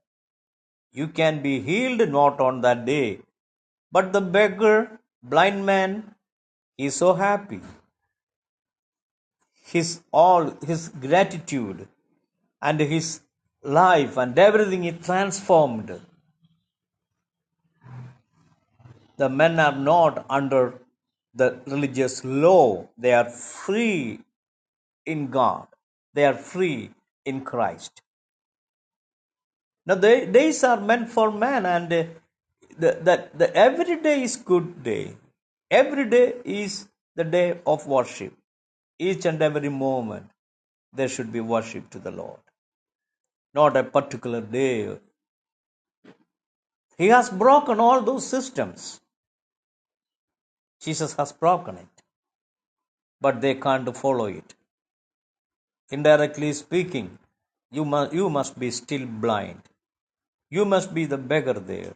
Speaker 2: You can be healed not on that day. But the beggar, blind man, he is so happy. His all, his gratitude and his life and everything is transformed The men are not under the religious law. They are free in God. They are free in Christ. Now, the days are meant for man, and uh, the, the, the every day is good day. Every day is the day of worship. Each and every moment there should be worship to the Lord, not a particular day. He has broken all those systems. Jesus has broken it, but they can't follow it. Indirectly speaking, you must you must be still blind. You must be the beggar there.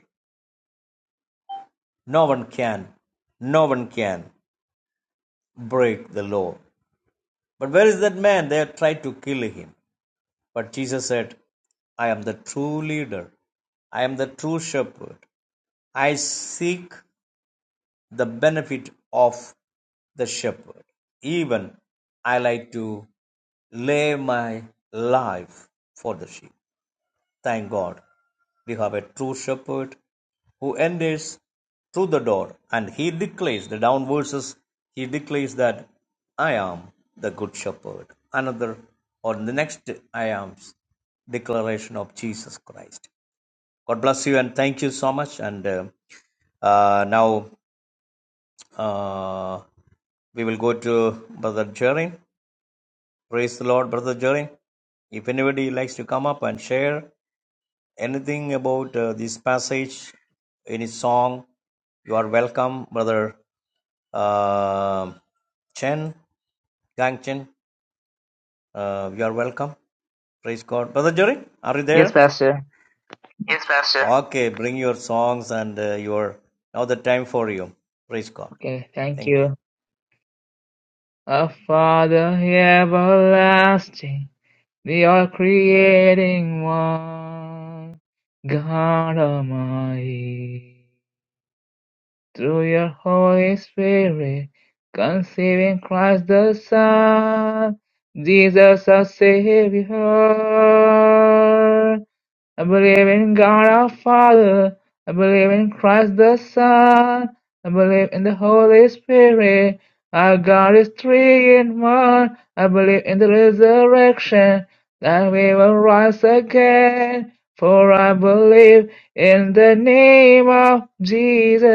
Speaker 2: No one can, no one can break the law. But where is that man? They tried to kill him. But Jesus said, I am the true leader. I am the true shepherd. I seek the benefit of the shepherd. Even I like to lay my life for the sheep. Thank God, we have a true shepherd who enters through the door and he declares the down verses he declares that i am the good shepherd another or the next i am's declaration of jesus christ god bless you and thank you so much and uh, uh, now uh, we will go to brother jerry praise the lord brother jerry if anybody likes to come up and share Anything about uh, this passage, any song? You are welcome, brother uh, Chen, Gang Chen. Uh, you are welcome. Praise God, brother Jerry. Are you
Speaker 1: Yes,
Speaker 2: there?
Speaker 1: Pastor.
Speaker 2: Yes, Pastor. Okay, bring your songs and uh, your now the time for you. Praise God.
Speaker 1: Okay, thank
Speaker 2: Thank you.
Speaker 1: you. Our Father everlasting. We are creating one God Almighty through your Holy Spirit, conceiving Christ the Son, Jesus our Savior. I believe in God our Father. I believe in Christ the Son. I believe in the Holy Spirit. Our God is three in one. I believe in the resurrection that we will rise again. For I believe in the name of Jesus,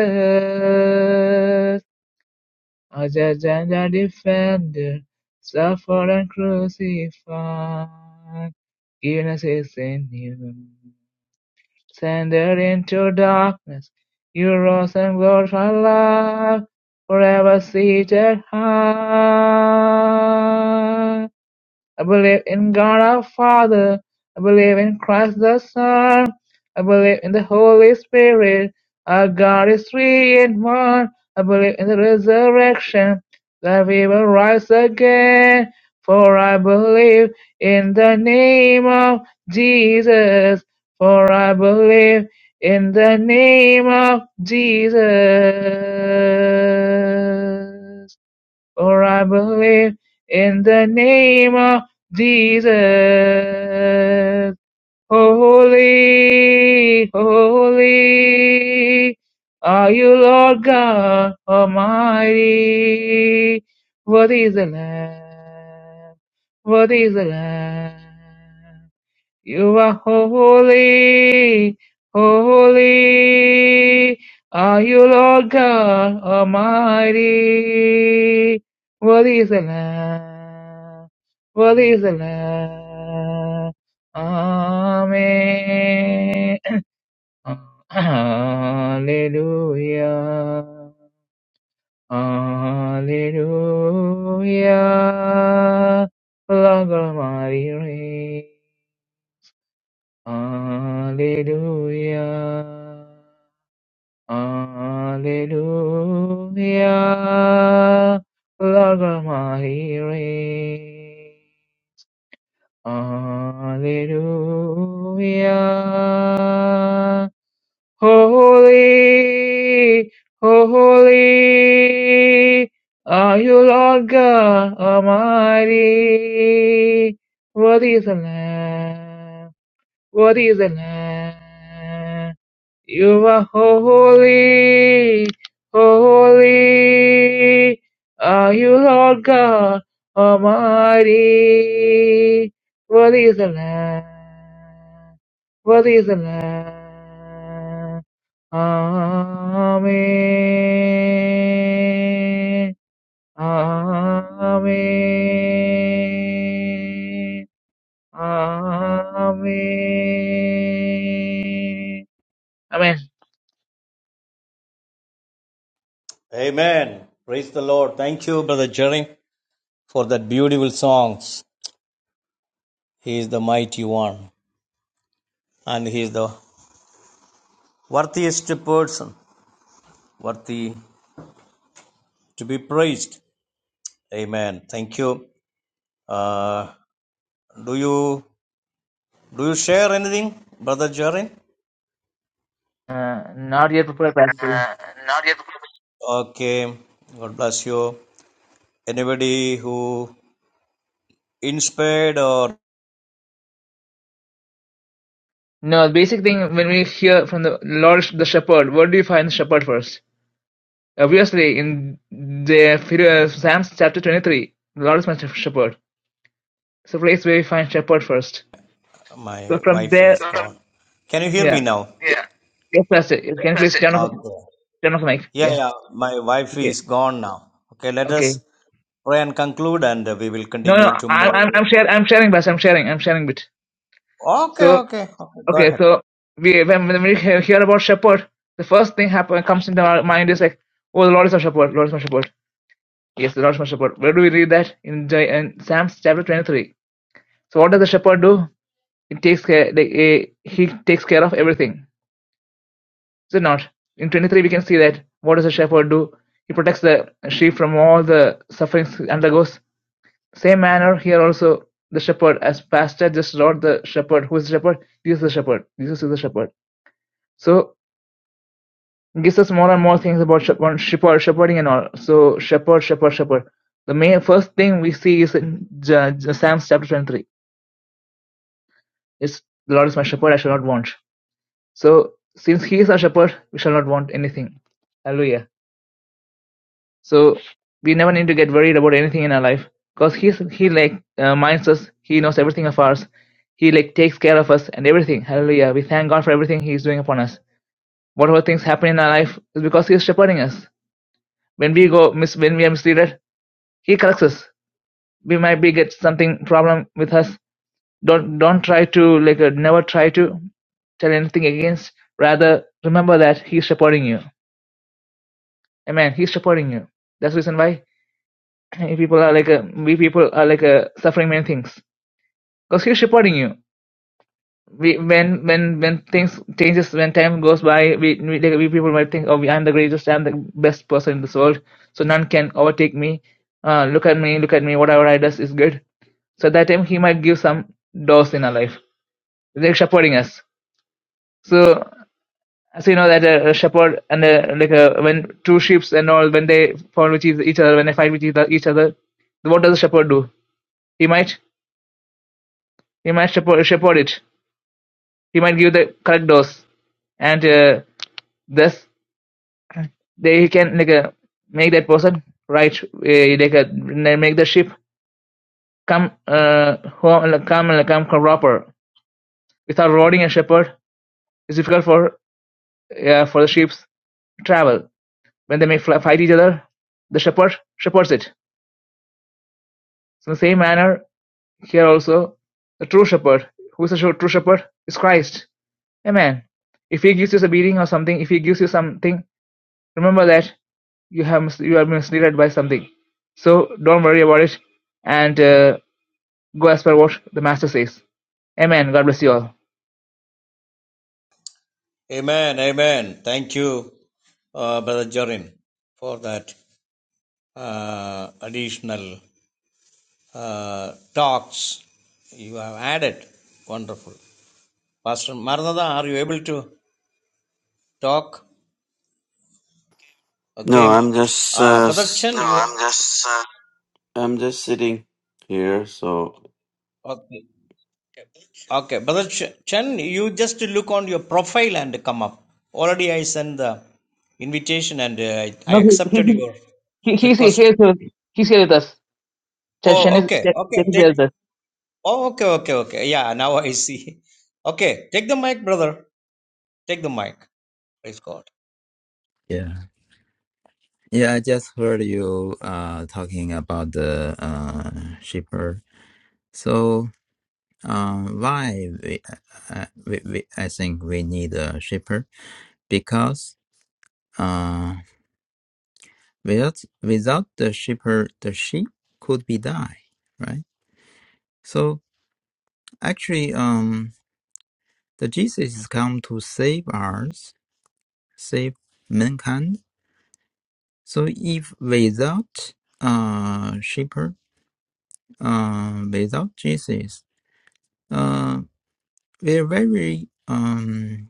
Speaker 1: our judge and our defender, suffered and crucified, giving us his new. Sended into darkness, you rose and glorified life, forever seated high. I believe in God our Father. I believe in Christ the Son. I believe in the Holy Spirit. Our God is three in one. I believe in the resurrection that we will rise again. For I believe in the name of Jesus. For I believe in the name of Jesus. For I believe in the name of Jesus. Holy, holy are you, Lord God Almighty. What is the Lamb? What is the Lamb? You are holy, holy are you, Lord God Almighty. Worthy is the Lamb, worthy is the Lamb. Amen. Hallelujah. Hallelujah. Lord God Almighty reigns. Hallelujah. Hallelujah. Lord Almighty reign. Hallelujah. Holy, holy are you, Lord God Almighty. Worthy is the Lamb. What is the Lamb? You are holy, holy. Are you Lord God Almighty? What is the Lamb? What is the Lamb? When-
Speaker 2: Amen. Praise the Lord. Thank you, Brother Jerry, for that beautiful songs. He is the mighty one and he is the worthiest person, worthy to be praised. Amen. Thank you. Uh, do you do you share anything, Brother Jarin?
Speaker 1: Uh, not yet prepared. Pastor.
Speaker 2: Uh, not yet. Okay. God bless you. Anybody who inspired or
Speaker 1: No, the basic thing when we hear from the Lord, the Shepherd, what do you find in the Shepherd first? Obviously, in the Psalms chapter 23, the Lord is my shepherd. So please we find shepherd first.
Speaker 2: my
Speaker 1: So from
Speaker 2: wife is
Speaker 1: there,
Speaker 2: gone. Can you hear me
Speaker 1: yeah.
Speaker 2: now? Yeah.
Speaker 1: Yes, Pastor.
Speaker 2: Yes,
Speaker 1: Can you please turn off,
Speaker 2: Okay.
Speaker 1: turn off the mic?
Speaker 2: Yeah,
Speaker 1: Yeah.
Speaker 2: yeah. My wife
Speaker 1: Okay.
Speaker 2: is gone now. Okay, let
Speaker 1: Okay.
Speaker 2: us pray and conclude, and we will
Speaker 1: No,
Speaker 2: continue
Speaker 1: no. I'm, I'm,
Speaker 2: tomorrow.
Speaker 1: I'm sharing. I'm sharing, Pastor. I'm sharing. I'm sharing bit.
Speaker 2: Okay,
Speaker 1: So,
Speaker 2: okay. okay. Go
Speaker 1: okay.
Speaker 2: ahead.
Speaker 1: So we, when, when we hear hear about shepherd, the first thing happen comes into our mind is like, oh, the Lord is my shepherd. Lord is my shepherd. Yes, the Lord is my shepherd. Where do we read that in the in Psalms chapter 23? So what does the shepherd do? It takes care. Like, eh, he takes care of everything. Is it not? In 23, we can see that what does the shepherd do? He protects the sheep from all the sufferings he undergoes. Same manner here also, the shepherd, as pastor, just not the shepherd. Who is the shepherd? Jesus is the shepherd. Jesus is the shepherd. So, it gives us more and more things about shepherd, shepherd, shepherding and all. So, shepherd, shepherd, shepherd. The main first thing we see is in J- Psalms chapter 23. It's the Lord is my shepherd, I shall not want. So, since He is our shepherd, we shall not want anything. Hallelujah. So we never need to get worried about anything in our life, cause he's he like uh, minds us. He knows everything of ours. He like takes care of us and everything. Hallelujah! We thank God for everything He is doing upon us. Whatever things happen in our life is because He is shepherding us. When we go mis- when we are misleaded, He corrects us. We might be get something problem with us. Don't don't try to like uh, never try to tell anything against. Rather remember that He is shepherding you. Amen. He is shepherding you. That's the reason why if people are like uh, we people are like uh, suffering many things because he's supporting you we when when when things changes when time goes by we we, like, we people might think oh i'm the greatest i'm the best person in this world so none can overtake me uh look at me look at me whatever i does is good so at that time he might give some doors in our life like shepherding us so as you know that a, a shepherd and a, like a, when two sheep's and all when they fall with each each other when they fight with each other each other what does the shepherd do he might He might shepherd shepherd it, he might give the correct dose, and uh, thus they can like uh, make that person right, uh, like uh, make the sheep come uh, home, like, come like, come proper. Without roading and shepherd, it's difficult for uh, for the sheep to travel. When they may fly, fight each other, the shepherd shepherds it. So in the same manner, here also, the true shepherd, who is the true shepherd, is Christ. Amen. If he gives you a beating or something, if he gives you something, remember that you have mis- you are misled by something. So don't worry about it, and uh, go as per what the master says. Amen. God bless you all.
Speaker 2: Amen. Amen. Thank you, uh, Brother Jorin, for that uh, additional uh, talks you have added. Wonderful. Pastor Maranatha, are you able to talk?
Speaker 3: No,
Speaker 2: Okay.
Speaker 3: I'm just
Speaker 2: Uh,
Speaker 3: uh,
Speaker 2: Brother Chen, No, you
Speaker 3: s-
Speaker 2: I'm just. Uh,
Speaker 3: I'm just sitting here, so
Speaker 2: Okay. Okay. Brother Ch- Chen, you just look on your profile and come up. Already I sent the invitation and uh, I I
Speaker 1: No, he he
Speaker 2: accepted your
Speaker 1: he he- he's here.
Speaker 2: request.
Speaker 1: He's here, he's here with us. Chen Chen
Speaker 2: Oh,
Speaker 1: is
Speaker 2: okay.
Speaker 1: Chen Chen
Speaker 2: Okay.
Speaker 1: is there
Speaker 2: Take
Speaker 1: with us.
Speaker 2: Oh, okay, okay, okay. Yeah, now I see. Okay, take the mic, brother. Take the mic. Praise God.
Speaker 4: Yeah. Yeah, I just heard you uh talking about the uh shipper. So, uh, why we, uh, we, we I think we need a shipper because uh without without the shipper the sheep could be die, right? So actually um the Jesus is come to save us, save mankind. So if without uh shipper uh without Jesus Uh, they're very um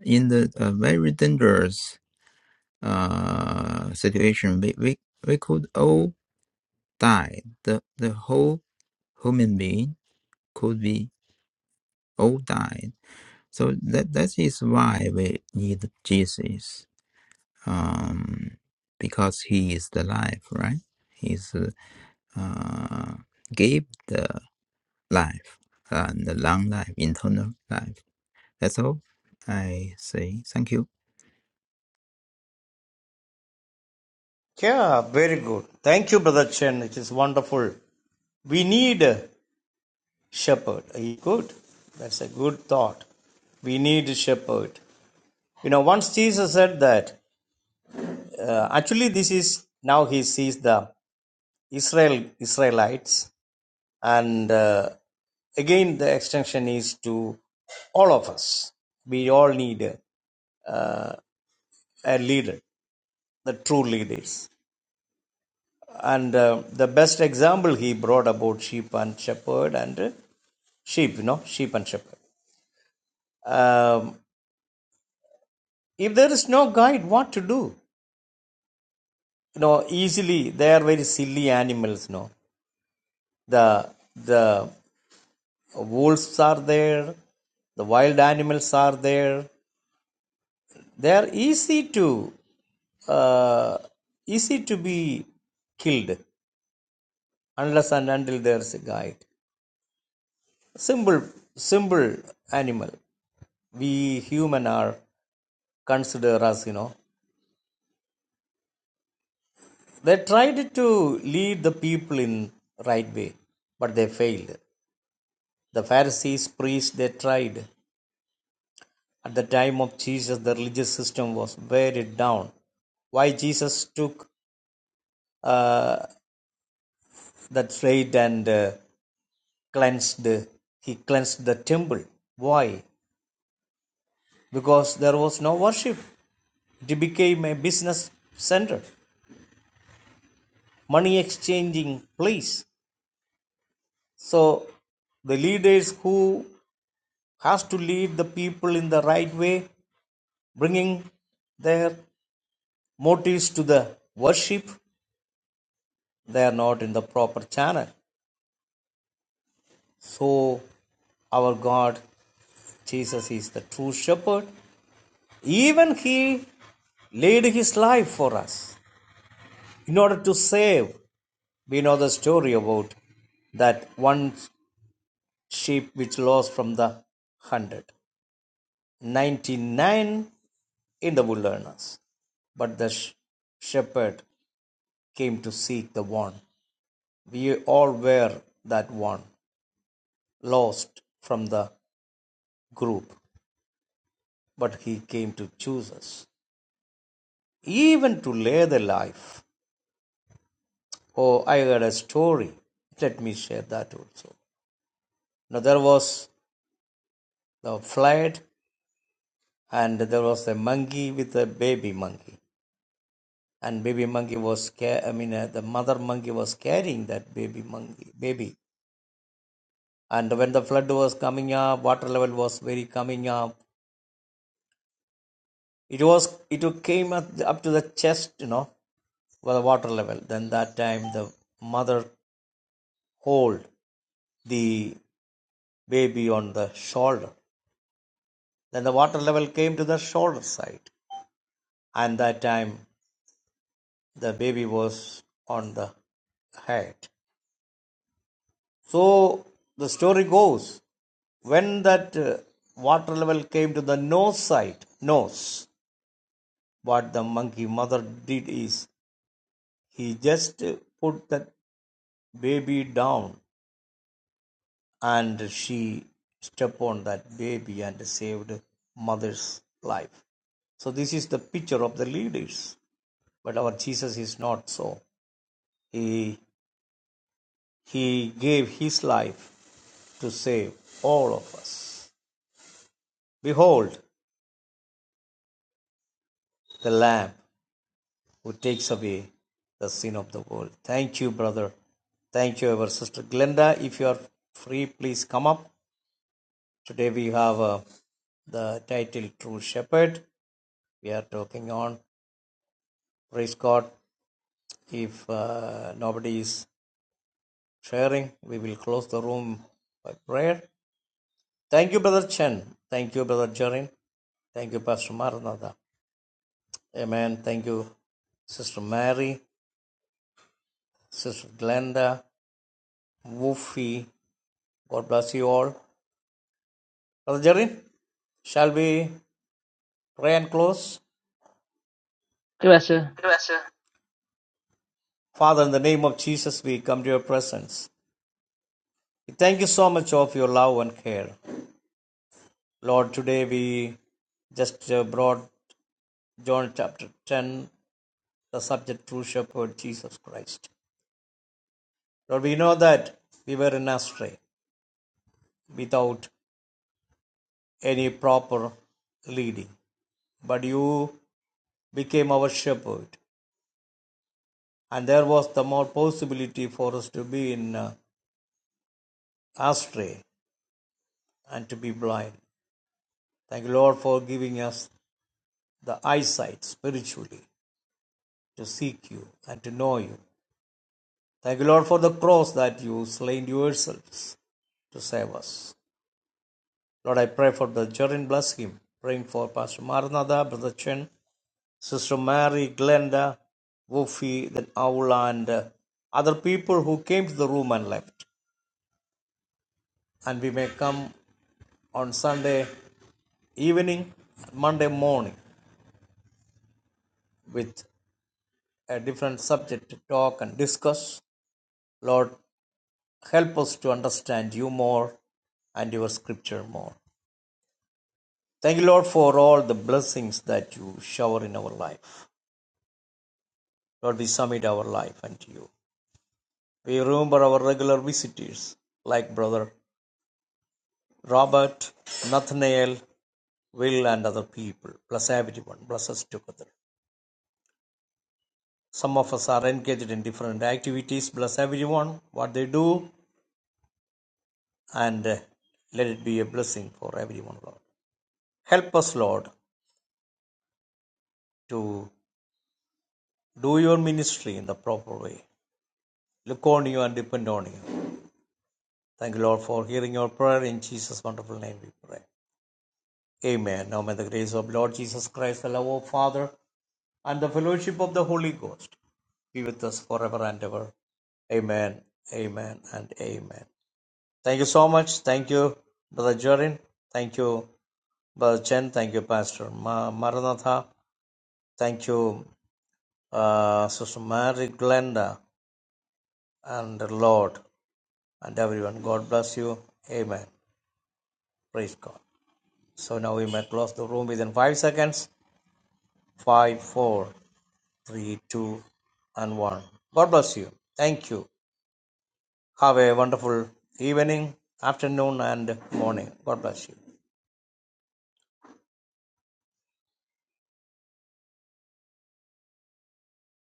Speaker 4: in the uh, very dangerous uh situation. We we we could all die. The the whole human being could be all died. So that that is why we need Jesus. Um, because he is the life, right? He's uh uh, gave the life and the long life, internal life. That's all I say. Thank you.
Speaker 2: Yeah, very good. Thank you, Brother Chen. It is wonderful. We need a shepherd. Good. That's a good thought. We need a shepherd. You know, once Jesus said that, uh, actually, this is now he sees the Israel Israelites, and uh, again, the extension is to all of us. We all need uh, a leader the true leaders. And uh, the best example he brought about sheep and shepherd and uh, sheep, you know, sheep and shepherd. Um, if there is no guide, what to do? You know, easily they are very silly animals. You know, the the wolves are there, the wild animals are there. They are easy to uh, easy to be killed unless and until there's a guide. Simple, simple animal. we human are consider us you know they tried to lead the people in right way but they failed the pharisees priests they tried at the time of jesus the religious system was very down why jesus took uh, that freight and uh, cleansed he cleansed the temple why because there was no worship it became a business center money exchanging place So the leaders who has to lead the people in the right way, bringing their motives to the worship, they are not in the proper channel. So our God, Jesus is the true shepherd. Even he laid his life for us in order to save. We know the story about that one sheep which lost from the hundred ninety nine in the wilderness. But the sh shepherd came to seek the one. We all were that one, lost from the group, but he came to choose us, even to lay the life. Oh, I heard a story. Let me share that also. Now, there was the flight, and there was a monkey with a baby monkey. And baby monkey was, ca- I mean, uh, the mother monkey was carrying that baby monkey, baby. and when the flood was coming up water level was very coming up it was it came up, up to the chest you know for the water level then that time the mother hold the baby on the shoulder then the water level came to the shoulder side and that time the baby was on the head so the story goes when that uh, water level came to the nose side nose What the monkey mother did is, he just put that baby down and she stepped on that baby and saved mother's life. So this is the picture of the leaders. But our Jesus is not so. He he gave his life to save all of us. Behold the Lamb who takes away the sin of the world. Thank you, brother. Thank you, our sister Glenda. If you are free, please come up. Today we have uh, the title True Shepherd. We are talking on praise God. If uh, nobody is sharing, we will close the room by prayer. Thank you, Brother Chen. Thank you, Brother Jarin. Thank you, Pastor Maranatha. Amen. Thank you, Sister Mary, Sister Glenda, Woofy. God bless you all. Brother Jarin, shall we pray and close?
Speaker 1: Hey, Pastor.
Speaker 2: Yes, sir. Father, in the name of Jesus, we come to your presence. We thank you so much of your love and care. Lord, today we just uh, brought John chapter 10, the subject true shepherd Jesus Christ. Lord, we know that we were in astray without any proper leading, but you became our shepherd, and there was the more possibility for us to be in uh, astray and to be blind. Thank you, Lord, for giving us the eyesight spiritually to seek you and to know you Thank you, Lord, for the cross that you slain yourselves to save us. Lord, I pray for the children, bless him. Praying for Pastor Maranatha, Brother Chen, Sister Mary, Glenda, Woofy, then Aula, and uh, other people who came to the room and left. And we may come on Sunday evening, Monday morning with a different subject to talk and discuss. Lord, help us to understand you more and your scripture more. Thank you, Lord, for all the blessings that you shower in our life. Lord, we submit our life unto you. We remember our regular visitors like Brother Robert, Nathaniel, Will, and other people. Bless everyone. Bless us together. Some of us are engaged in different activities. Bless everyone, what they do, and uh, let it be a blessing for everyone, Lord. Help us, Lord, to do your ministry in the proper way. Look on you and depend on you. Thank you, Lord, for hearing your prayer. In Jesus' wonderful name we pray. Amen. Now may the grace of Lord Jesus Christ, the love of Father, and the fellowship of the Holy Ghost be with us forever and ever. Amen. Amen and amen. Thank you so much. Thank you, Brother Jorin. Thank you, Brother Chen. Thank you, Pastor Ma- Maranatha. Thank you, uh, Sister Mary Glenda and the Lord and everyone. God bless you. Amen. Praise God. So now we may close the room within five seconds. five, four, three, two, and one. God bless you. Thank you. Have a wonderful evening, afternoon, and morning. God bless you.